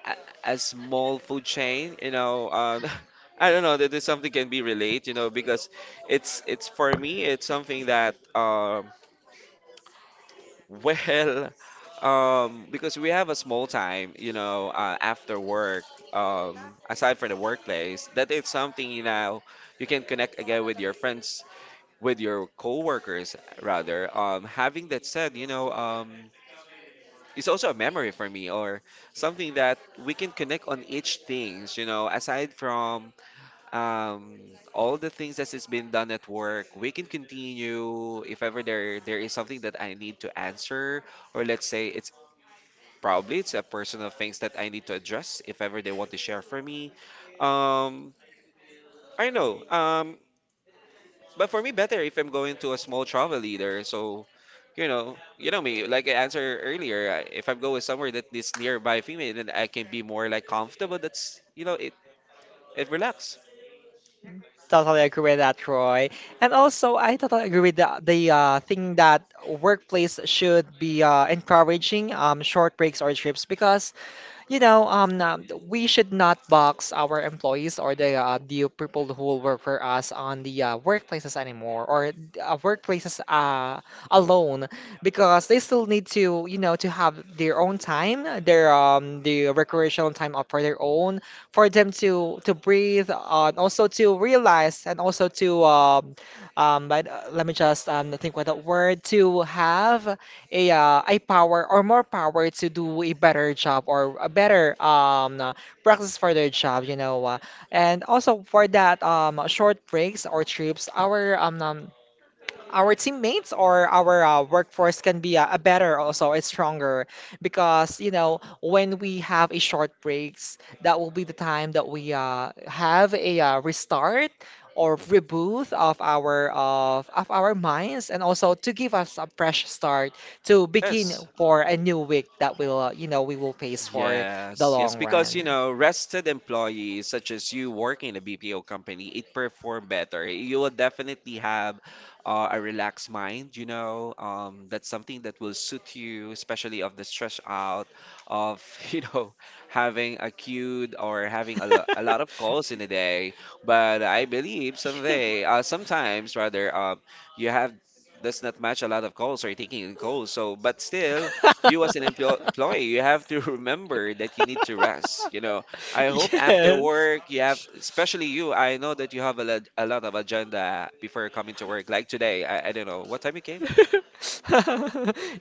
A: a, a small food chain, you know. um, *laughs* I don't know that there's something can be relate, you know, because it's it's for me it's something that um *laughs* well, um because we have a small time, you know, uh, after work, um aside from the workplace, that it's something you know you can connect again with your friends, with your coworkers rather. Um having that said, you know, um it's also a memory for me, or something that we can connect on each things, you know, aside from um, all the things that has been done at work. We can continue if ever there there is something that I need to answer, or let's say it's probably it's a personal things that I need to address if ever they want to share for me. um, I know. Um, but for me, better if I'm going to a small travel leader. So, you know, you know me. Like I answered earlier, I- if I'm going somewhere that is nearby female, then I can be more like comfortable. That's, you know, it. It relax.
B: Totally agree with that, Roy. And also, I totally agree with the, the uh, thing that workplace should be uh, encouraging um, short breaks or trips because you know, um, uh, we should not box our employees or the uh, the people who will work for us on the uh, workplaces anymore or uh, workplaces uh, alone because they still need to, you know, to have their own time, their um, the recreational time up for their own, for them to to breathe, uh, and also to realize, and also to um, um, but uh, let me just um, think what the word to have a uh, a power or more power to do a better job or a better um uh, practice for their job, you know. Uh, and also for that um short breaks or trips, our um, um our teammates or our uh, workforce can be uh, a better, also it's stronger because you know when we have a short breaks, that will be the time that we uh, have a uh, restart or reboot of our of, of our minds, and also to give us a fresh start to
A: Yes.
B: begin for a new week that will uh, you know we will face for the
A: Yes, yes,
B: long
A: because you
B: run.
A: know, rested employees such as you working in a B P O company, it perform better. You will definitely have uh, a relaxed mind, you know. Um, that's something that will suit you, especially of the stress out of, *laughs* you know, having a queued, or having a, lo a lot of calls in a day. But I believe someday, uh, sometimes rather, um, you have does not match a lot of calls or taking in calls. So, but still, you as an emplo- employee you have to *laughs* remember that you need to rest, you know. I
B: *laughs*
A: hope after
B: yes
A: work you have, especially you, I know that you have a lot, a lot of agenda before coming to work like today. I, I don't know what time you came.
B: *laughs*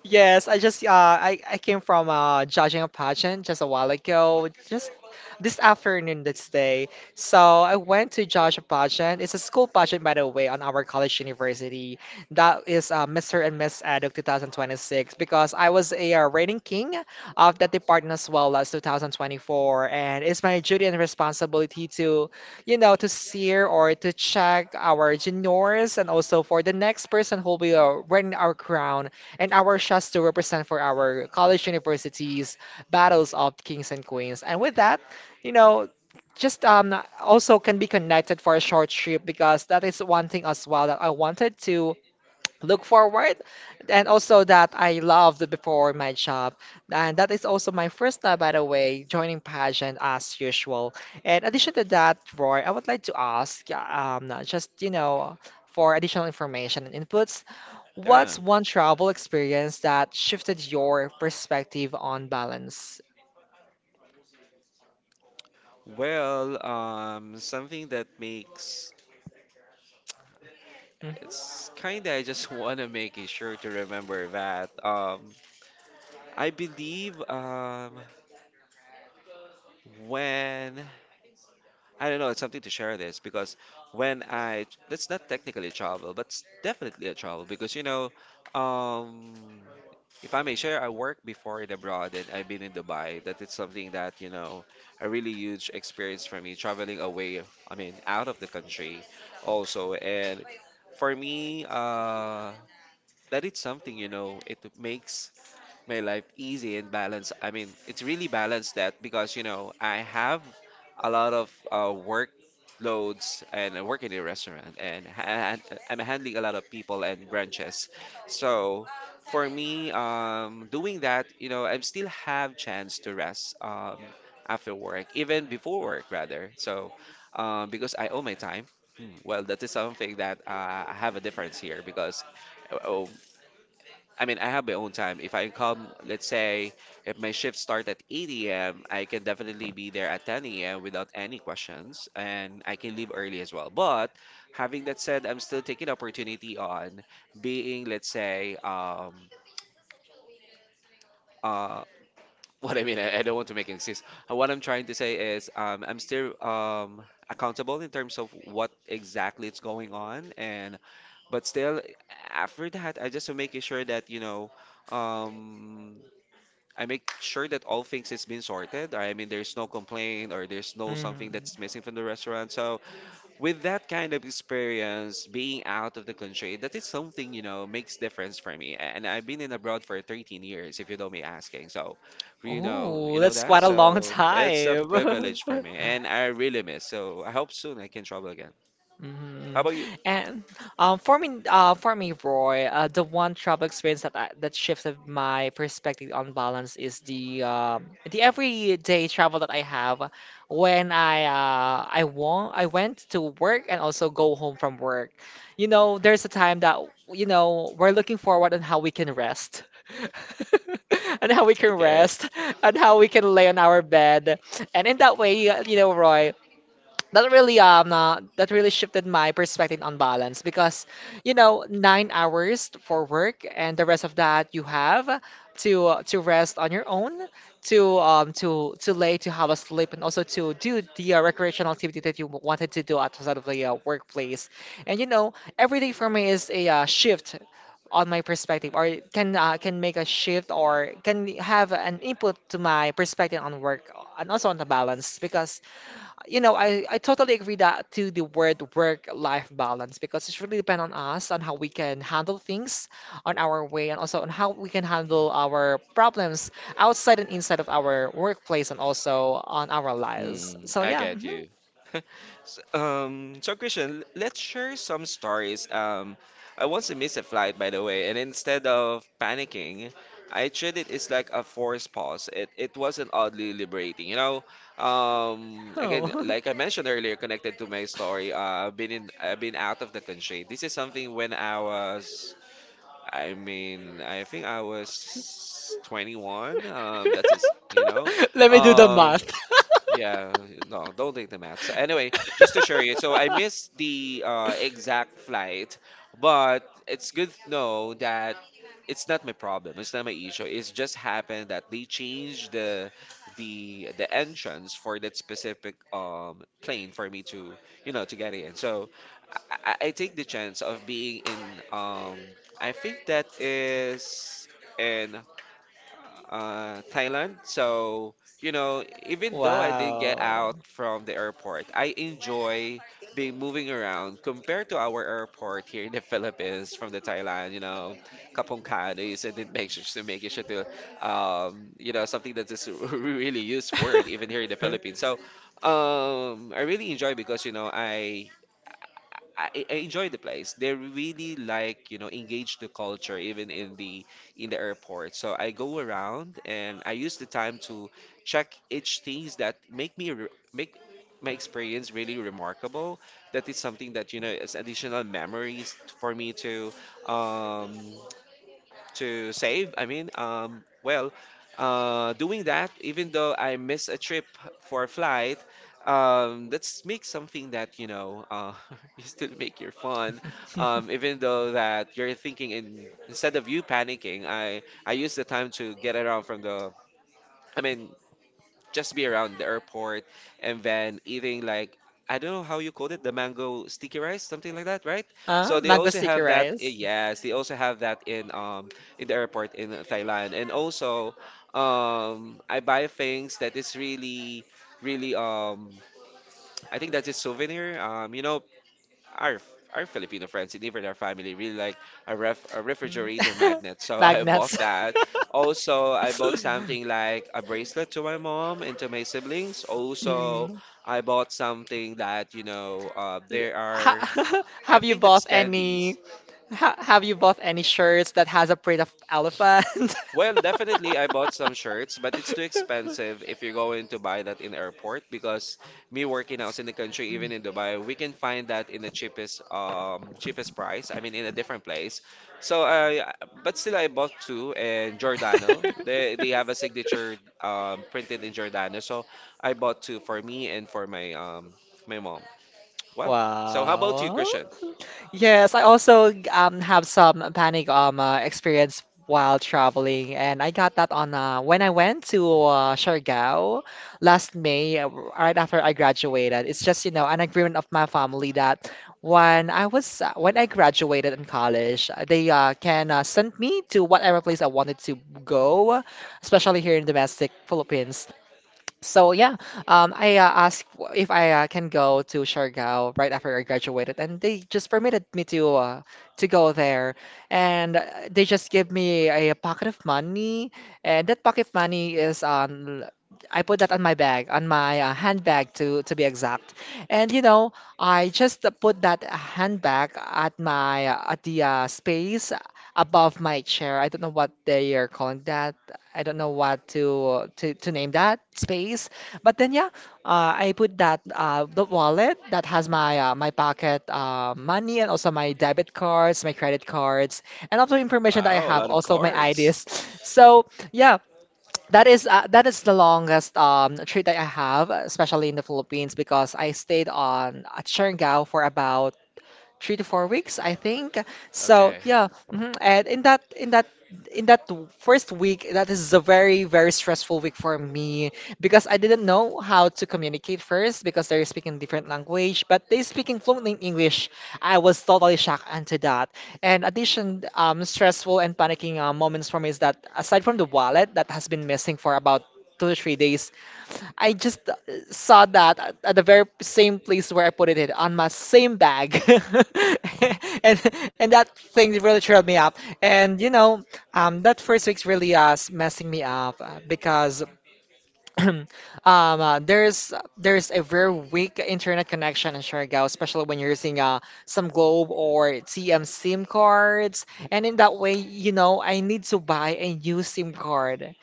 B: Yes, I just uh I, I came from uh judging a pageant just a while ago, just this afternoon this day. So I went to judge a pageant. It's a school pageant, by the way, on our college university. That is uh, Mister and Miss Eduk twenty twenty-six, because I was a uh, reigning king of that department as well as twenty twenty-four, and it's my duty and responsibility to, you know, to steer or to check our juniors and also for the next person who will win our crown and our shots to represent for our college universities, battles of kings and queens. And with that, you know, just um also can be connected for a short trip, because that is one thing as well that I wanted to look forward, and also that I loved before my job. And that is also my first time, by the way, joining pageant. As usual, in addition to that, Roy, I would like to ask, yeah, um just you know for additional information and inputs,
A: Yeah,
B: what's one travel experience that shifted your perspective on balance?
A: well, um something that makes
B: Hmm.
A: it's kind of I just *laughs* want to make it sure to remember that um I believe, um when I don't know, it's something to share this, because when I, that's not technically travel, but it's definitely a travel because, you know, um, if I may share, I worked before in abroad and I've been in Dubai. That it's something that, you know, a really huge experience for me traveling away, I mean, out of the country also. And for me, uh, that is something, you know, it makes my life easy and balanced. I mean, it's really balanced that because, you know, I have a lot of uh, workloads, and I work in a restaurant, and ha- I'm handling a lot of people and branches. So for me, um, doing that, you know, I still have chance to rest, um, after work, even before work rather. So um, because I owe my time. Hmm. Well, that is something that uh, I have a difference here, because uh, I mean, I have my own time. If I come, let's say, if my shift start at eight a m, I can definitely be there at ten a m without any questions, and I can leave early as well. But having that said, I'm still taking opportunity on being, let's say, um, uh, *laughs* what I mean, I, I don't want to make excuses. What I'm trying to say is, um, I'm still um accountable in terms of what exactly is going on, and but still, after that, I just am making sure that you know. Um, I make sure that all things has been sorted. I mean, there's no complaint or there's no something that's
B: Hmm.
A: missing from the restaurant. So with that kind of experience, being out of the country, that is something, you know, makes difference for me. And I've been in abroad for thirteen years, if you don't me asking. So, you know,
B: Oh,
A: you know
B: that's
A: that.
B: quite a long
A: So it's a
B: time.
A: privilege for me,
B: *laughs*
A: and I really miss. So I hope soon I can travel again. How
B: Hmm.
A: about you?
B: And um, for me, uh, for me, Roy, uh, the one travel experience that I, that shifted my perspective on balance is the um the everyday travel that I have when I uh, I want I went to work and also go home from work. You know, there's a time that, you know, we're looking forward on how we can rest. *laughs* And how we can
A: Okay.
B: rest and how we can lay on our bed. And in that way, uh, you know, Roy, that really um uh, that really shifted my perspective on balance, because you know, nine hours for work and the rest of that you have to uh, to rest on your own, to um to to lay, to have a sleep, and also to do the uh, recreational activity that you wanted to do outside of the uh, workplace. And you know, every day for me is a uh, shift on my perspective, or it can uh, can make a shift or can have an input to my perspective on work and also on the balance, because you know, I, I totally agree that to the word work-life balance, because it's really depend on us on how we can handle things on our way and also on how we can handle our problems outside and inside of our workplace and also on our lives.
A: Mm,
B: So
A: I
B: yeah.
A: get
B: Mhm.
A: you. *laughs* S- Um, so Christian, let's share some stories. Um, I once missed a flight, by the way, and instead of panicking, I treated it as like a forced pause. It it wasn't oddly liberating, you know. Um, again,
B: Oh.
A: like I mentioned earlier, connected to my story, uh, I've been in, I've been out of the country. This is something when I was, I mean, I think I was twenty-one. Um, that's it, you know.
B: *laughs* Let me do the
A: Um,
B: math.
A: yeah, no, don't take the math. So anyway, just to share you, so I
B: *laughs*
A: missed the uh, exact flight, but it's good to know that it's not my problem. It's not my issue. It's just happened that they changed the the the entrance for that specific um plane for me to you know to get in. So I, I I take the chance of being in um I think that is in uh, Thailand. So, you know, even though I didn't get out
B: Wow.
A: from the airport, I enjoy being moving around compared to our airport here in the *laughs* Philippines from the Thailand, you know, Kapong Kanis and then make sure to make it sure to, um, you know, something that is a *laughs* really used word even here in the Philippines.
B: *laughs*
A: So, um, I really enjoy because, you know, I I, I enjoy the place. They really like, you know, engage the culture even in the in the airport. So I go around and I use the time to check each things that make me re- make my experience really remarkable. That is something that you know is additional memories for me to um, to save. I mean, um, well, uh, doing that, even though I miss a trip for a flight, um, let's make something that, you know, uh, *laughs* you still make your fun. Um, even though that you're thinking in, instead of you panicking, I, I use the time to get around from the, I mean, just be around the airport and then eating like I don't know how you called it, the mango sticky rice, something like that, right?
B: Huh?
A: So they
B: Mango
A: also
B: sticky
A: have that. i-
B: rice.
A: Yes, they also have that in um in the airport in Thailand, and also um I buy things that is really really um I think that's a souvenir. Um, you know, our f- our Filipino friends and even our family really like a ref a
B: Mhm.
A: refrigerator
B: *laughs*
A: magnet. So *laughs* I bought
B: Magnets.
A: that. Also, I bought something
B: *laughs*
A: like a bracelet to my mom and to my siblings. Also,
B: Mm.
A: I bought something that you know uh, there are
B: Ha *laughs*
A: I
B: have you
A: think that's
B: bought
A: candies.
B: any Ha, have you bought any shirts that has a print of elephant?
A: Well, definitely, I bought some shirts, but it's too expensive if you're going to buy that in airport because me working out in the country, even in Dubai, we can find that in the cheapest um cheapest price. I mean, in a different place. So I, but still, I bought two and Giordano. They they have a
B: *laughs* *laughs*
A: signature um, printed in Giordano, so I bought two for me and for my um my mom. Well, so how about you,
B: Wow.
A: Christian?
B: Yes, I also um have some panic um uh, experience while traveling, and I got that on uh, when I went to uh, Siargao last May, uh, right after I graduated. It's just, you know, an agreement of my family that when I was uh, when I graduated in college, uh, they uh, can uh, send me to whatever place I wanted to go, especially here in domestic Philippines. So yeah, um, I uh, asked w- if I uh, can go to Siargao right after I graduated, and they just permitted me to uh, to go there, and uh, they just give me a pocket of money, and that pocket of money is on. I put that on my bag, on my uh, handbag, to to be exact, and you know, I just uh, put that handbag at my uh, at the uh, space above my chair. I don't know what they are calling that. I don't know what to to to name that space. But then yeah, uh, I put that uh, the wallet that has my uh, my pocket uh, money and also my debit cards, my credit cards, and also information that I
A: Wow, a
B: have,
A: lot of
B: also my
A: cards.
B: I Ds. *laughs* So yeah. That is uh, that is the longest um, trip that I have, especially in the Philippines, because I stayed on at Siargao for about three to four weeks, I think. So
A: Okay.
B: yeah, mhm. And in that in that in that w- first week, that is a very very stressful week for me, because I didn't know how to communicate first, because they're speaking different language, but they speaking fluent in English. I was totally shocked into that. And addition, um, stressful and panicking uh, moments for me is that aside from the wallet that has been missing for about two to three days, I just uh, saw that at at the very same place where I put it in, on my same bag. *laughs* And and that thing really trailed me up. And you know, um, that first week's really uh, s- messing me up uh, because *clears throat* um, uh, there's there's a very weak internet connection in Siargao, especially when you're using uh, some Globe or T M SIM cards. And in that way, you know, I need to buy a new SIM card,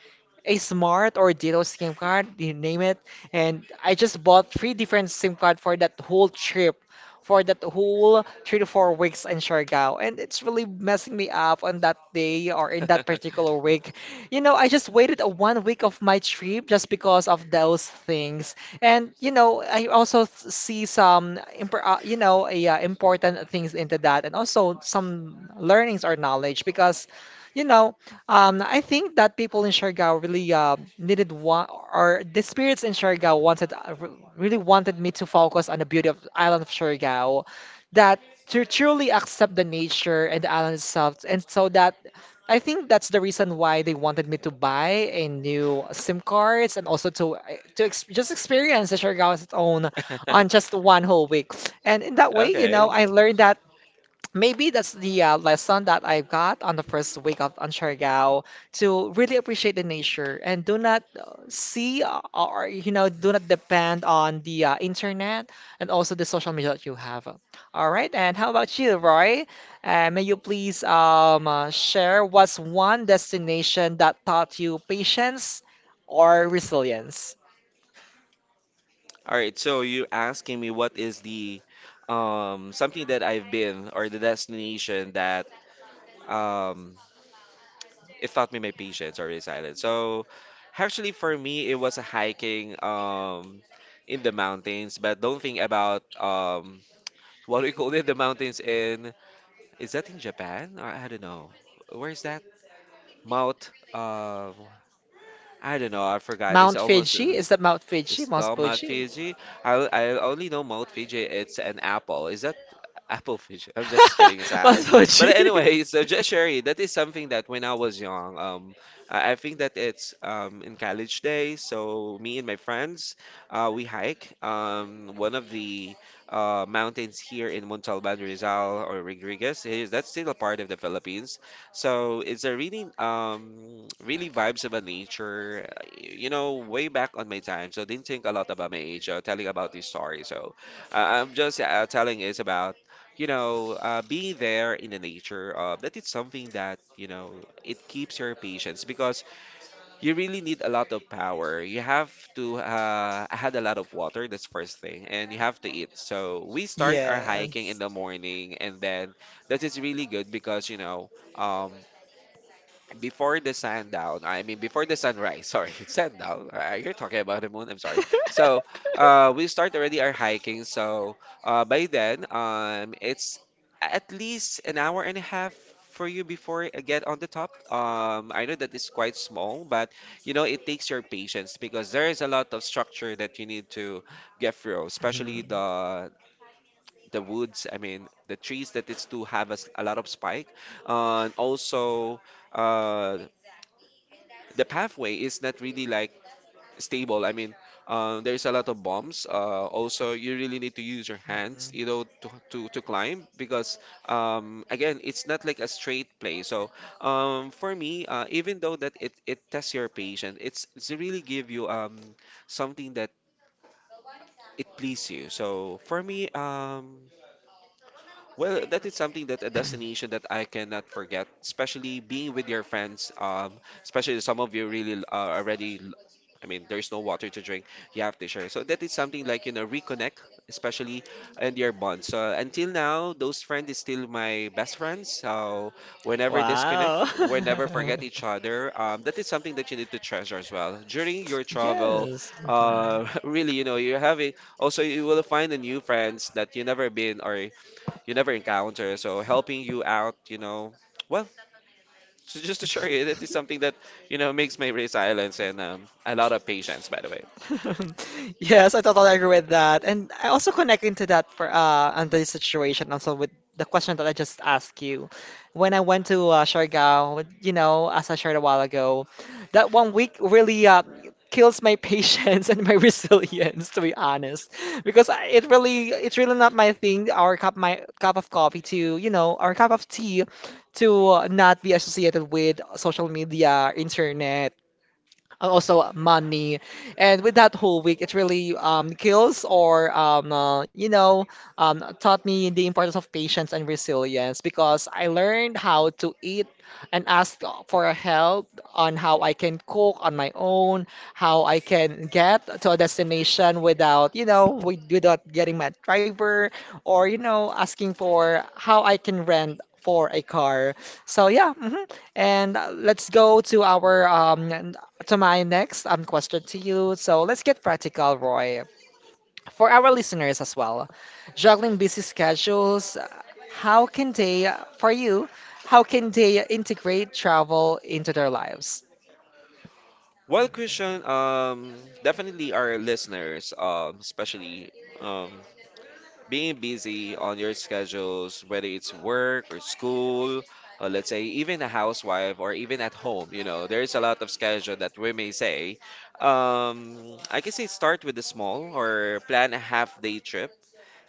B: a Smart or Ditto SIM card, you name it. And I just bought three different SIM card for that whole trip, for that whole three to four weeks in Siargao. And it's really messing me up on that day or in that particular week. You know, I just waited a one week of my trip just because of those things. And you know, I also th- see some impor- uh, you know, a, uh, important things into that, and also some learnings or knowledge because. You know, um, I think that people in Siargao really uh, needed one, or the spirits in Siargao wanted, uh, re- really wanted me to focus on the beauty of island of Siargao, that to truly accept the nature and the island itself, and so that I think that's the reason why they wanted me to buy a new SIM cards and also to eh, to ex just experience the Siargao as its own on just one whole week. And in that way, you know,
A: Okay,
B: I learned that. Maybe that's the uh, lesson that I got on the first week of on Siargao, to really appreciate the nature and do not uh, see uh, or you know, do not depend on the uh, internet and also the social media that you have. All right, and how about you, Roy? Uh, may you please um, uh, share what's one destination that taught you patience or resilience?
A: all right, so you're asking me what is the um something that I've been or the destination that um it taught me my patience or resilience. So actually for me it was a hiking um in the mountains, but don't think about um *laughs* what we call it the mountains in is that in Japan? I, I don't know. Where is that? Mount uh I don't know, I forgot. It's
B: Mount
A: almost
B: Fuji?
A: uh,
B: Is that Mount Fuji?
A: it's
B: Mount
A: not Mount
B: Fuji?
A: Fiji. I, I only know Mount Fiji. It's an apple. Is that apple Fiji? *laughs* I'm just kidding
B: *laughs* Mount
A: aside. But
B: Fuji? *laughs*
A: anyway, *laughs* so just Sherry, that is something that when I was young, um, I I think that it's um in college days. So me and my friends, uh, we hike um one of the uh mountains here in Montalban, Rizal or Rodriguez. It is- That's still a part of the Philippines. So it's a really um really vibes about nature. You know, way back on my time, so didn't think a lot about my age. Uh, telling about this story, so uh, I'm just uh, telling is about you know uh, being there in the nature. Uh, that is something that you know it keeps your patience because you really need a lot of power. You have to uh, had a lot of water. That's first thing, and you have to eat. So we start our
B: Yeah.
A: hiking in the morning, and then that is really good because you know. Um, before the sundown, I mean before the sunrise, sorry, *laughs* sundown. Uh, You're talking about the moon, I'm sorry. So, uh, we start already our hiking. So, uh, by then, um, it's at least an hour and a half for you before I get on the top. Um, I know that is quite small, but you know it takes your patience because there is a lot of structure that you need to get through, especially
B: Mhm.
A: the the woods. I mean the trees that is to have a, s- a lot of spike, uh, and also. Uh, the pathway is not really like stable. I mean, uh, there's a lot of bumps. Uh, also, you really need to use your hands, you know, to to, to climb because um, again, it's not like a straight play. So um, for me, uh, even though that it, it tests your patience, it's it's really give you um something that it please you. So for me, um, well, *laughs* that is something that a destination that I cannot forget, especially being with your friends. Um, especially some of you really l- uh, already. l- I mean, there's no water to drink. You have to share. So that is something like you know reconnect, especially and your bonds. So until now, those friends is still my best friends. So whenever disconnect,
B: Wow.
A: we never
B: *laughs*
A: forget each other. Um, that is something that you need to treasure as well during your travel.
B: Yes. Mhm.
A: Uh, *laughs* really, you know, you're having also you will find a new friends that you never been or you never encounter. So helping you out, you know, well, so just to share you, that is something that you know makes me resilience and um, a lot of patience, by the way.
B: *laughs* Yes, I totally agree with that. And I also connect into that for uh Anthony's situation also with the question that I just asked you. When I went to uh, Siargao, with- you know, as I shared a while ago, that one week really uh, kills my patience *laughs* and my resilience, to be honest, because I- it really it's really not my thing, our cup my cup of coffee to, you know, our cup of tea to uh, not be associated with social media, internet, and also money. And with that whole week, it really um, kills or um, uh, you know, um, taught me the importance of patience and resilience, because I learned how to eat and ask for help on how I can cook on my own, how I can get to a destination without, you know, with, without getting my driver or you know, asking for how I can rent for a car. So yeah. Mhm. And uh, let's go to our um, to my next um, question to you. So let's get practical, Roy. For our listeners as well, juggling busy schedules, uh, how can they, uh, for you, how can they integrate travel into their lives?
A: Well, Christian, um, definitely our listeners, um, especially um, being busy on your schedules, whether it's work or school, or let's say even a housewife or even at home, you know, there is a lot of schedule that we may say. Um, I can say start with the small or plan a half day trip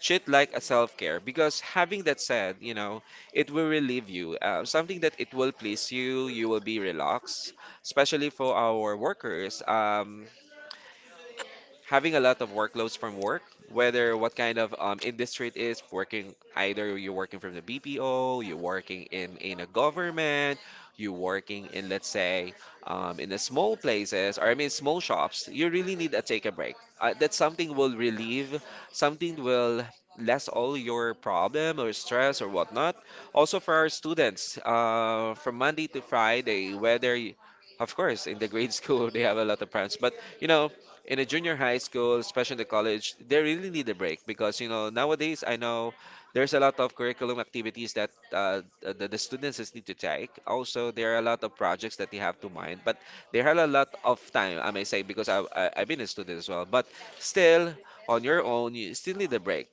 A: treat like a self-care because having that said you know it will relieve you uh, something that it will please you you will be relaxed especially for our workers um having a lot of workloads from work, whether what kind of um, industry it is, working either you're working from the B P O, you're working in, in a government, you're working in, let's say, um, in the small places, or I mean, small shops, you really need to take a break. Uh, that something will relieve, something will less all your problem or stress or whatnot. Also for our students, uh, from Monday to Friday, whether, you, of course, in the grade *laughs* school, they have a lot of problems, but you know, in a junior high school, especially in the college, they really need a break because you know nowadays I know there's a lot of curriculum activities that uh, the, the students is need to take. Also, there are a lot of projects that they have to mind, but they have a lot of time. I may say because I, I I've been a student as well, but still on your own, you still need a break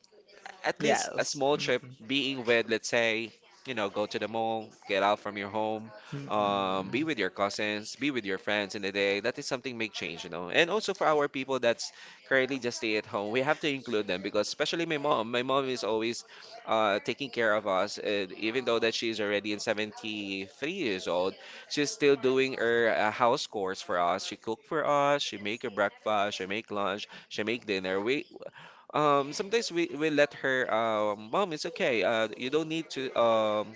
A: at least a
B: Yes.
A: small trip
B: Mhm.
A: being with let's say you know go to the mall get out from your home, um,
B: Mm-mm.
A: be with your cousins be with your friends in the day that is something make change you know and also for our people that's currently just stay at home we have to include them because especially my mom my mom is always uh, taking care of us and even though that she's already in seventy-three years old she's still doing her uh, house chores for us she cook for us she make a breakfast she make lunch she make dinner we um, sometimes we, we let her, uh, mom, it's okay. Uh, you don't need to, um,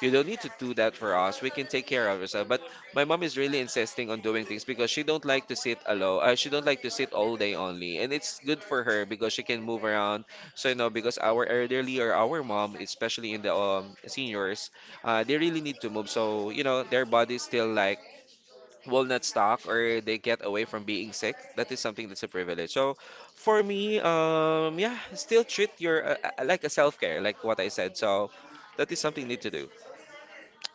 A: you don't need to do that for us. We can take care of ourselves. But my mom is really insisting on doing things because she don't like to sit alone. Uh, she don't like to sit all day only, and it's good for her because she can move around. So you know, because our elderly or our mom, especially in the um seniors, uh, they really need to move. So you know, their body still like will not stock or they get away from being sick that is something that's a privilege so for me um yeah still treat your uh, uh, uh, like a self-care like what I said so that is something you need to do.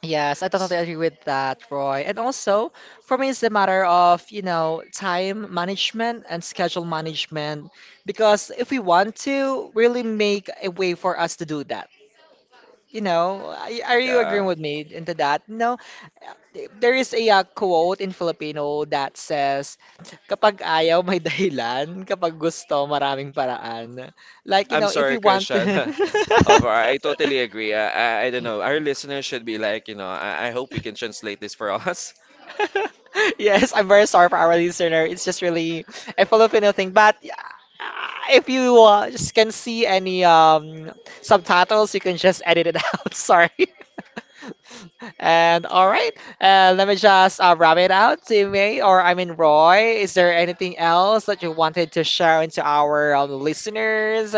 B: Yes, I
A: S-
B: totally agree with that, Roy. And also, for me, it's a matter of, you know, time management and schedule management. Because if we want to really make a way for us to do that, you know, I- are you agreeing
A: yeah,
B: with me into that? No, there is a uh, quote in Filipino that says, kapag ayaw, may *laughs* dahilan. Kapag gusto, maraming paraan. Like, you
A: I'm
B: know, if we
A: sorry
B: want to...
A: Christian. *laughs* Of, I totally
B: *laughs*
A: agree. I, I, I don't know. Our listeners should be like, you know, I, I hope we can translate this for *laughs* us.
B: *laughs* Yes, I'm very sorry for our listener. It's just really a Filipino thing. But uh, if you uh, just can see any um, subtitles, you can just edit it *laughs* out. Sorry. And all right, uh, let me just uh, wrap it out, Timmy, or I mean Roy. Is there anything else that you wanted to share into our um, listeners?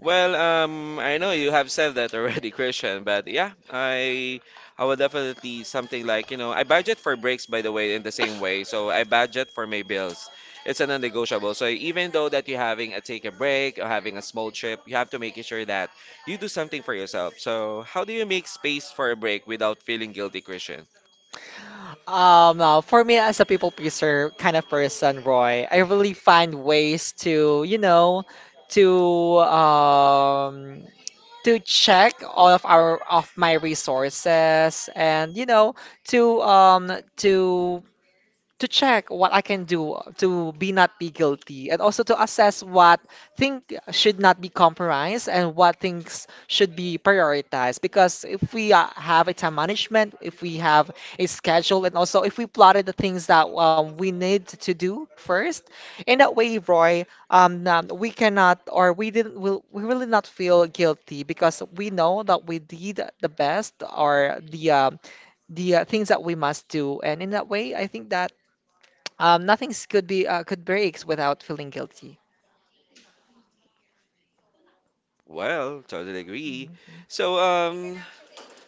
A: Well, um, I know you have said that already, *laughs* Christian, but yeah, I I would definitely something like, you know, I budget for breaks by the way in the same way. So I budget for my bills. It's a non-negotiable. So even though that you're having a take a break or having a small trip, you have to make sure that you do something for yourself. So how do you make space for a break without feeling guilty, Christian?
B: Um, uh, for me, as a people pleaser kind of person, Roy, I really find ways to, you know, to um to check all of our of my resources, and you know, to um to to check what I can do to be not be guilty, and also to assess what thing should not be compromised and what things should be prioritized, because if we uh, have a time management, if we have a schedule, and also if we plotted the things that um, we need to do first, in that way, Roy, um, um, we cannot or we didn't will we really not feel guilty, because we know that we did the best or the um the uh, things that we must do. And in that way, I think that um, nothing's could be uh, could breaks without feeling guilty.
A: Well, totally agree.
B: Mhm.
A: So um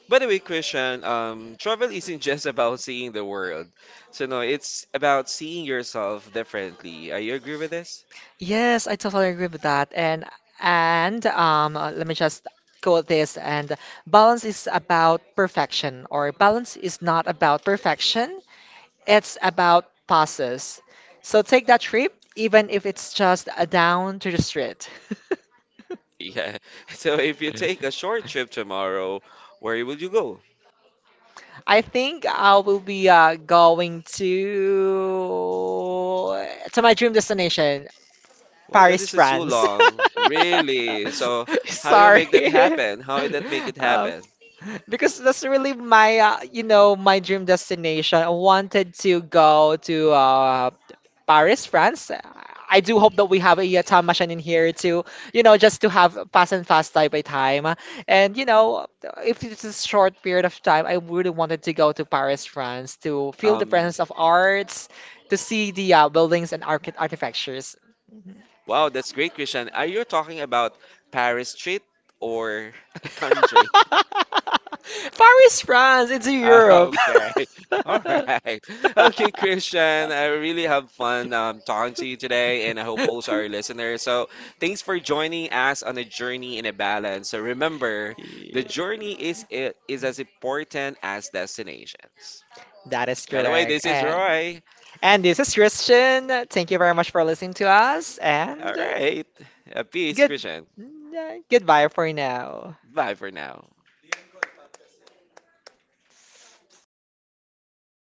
A: by the way, Christian, um, travel isn't *laughs* just about seeing the world. So no, it's about seeing yourself differently. Are you agree with this?
B: Yes, I totally agree with that. And and um, uh, let me just quote this. And balance is about perfection, or balance is not about perfection. It's about passes. So take that trip, even if it's just a down to the street. *laughs*
A: Yeah. *laughs* So if you take a short trip tomorrow, where would you go?
B: I think I will be uh, going to to my dream destination
A: Well, that
B: Paris,
A: is too
B: France.
A: long. Really? So
B: *laughs*
A: how you make that
B: Sorry. *laughs*
A: happen? How did that make it
B: Um,
A: happen?
B: because that's really my, uh, you know, my dream destination. I wanted to go to uh, Paris, France. I do hope that we have a, uh, time machine in here to, you know, just to have pass and fast time by time. And, you know, if it's a short period of time, I really wanted to go to Paris, France to feel the
A: Um,
B: presence of arts, to see the uh, buildings and archi- architectures.
A: wow, that's great, Christian. Are you talking about Paris street or *laughs* country?
B: *laughs* Paris, France. It's in
A: Ah, *laughs*
B: Europe.
A: okay. *laughs* All
B: *laughs*
A: right. Okay, Christian, I really have fun um, talking to you today, and I hope also our listeners. So, thanks for joining us on a journey in a balance. So, remember, the
B: Yeah.
A: journey is i- is as important as destinations.
B: That is
A: By the way,
B: correct.
A: this is
B: And
A: Roy.
B: and this is Christian. Thank you very much for listening to us.
A: All
B: And
A: right. Uh, peace,
B: good.
A: Christian.
B: Mm, yeah, goodbye for now.
A: Bye for now.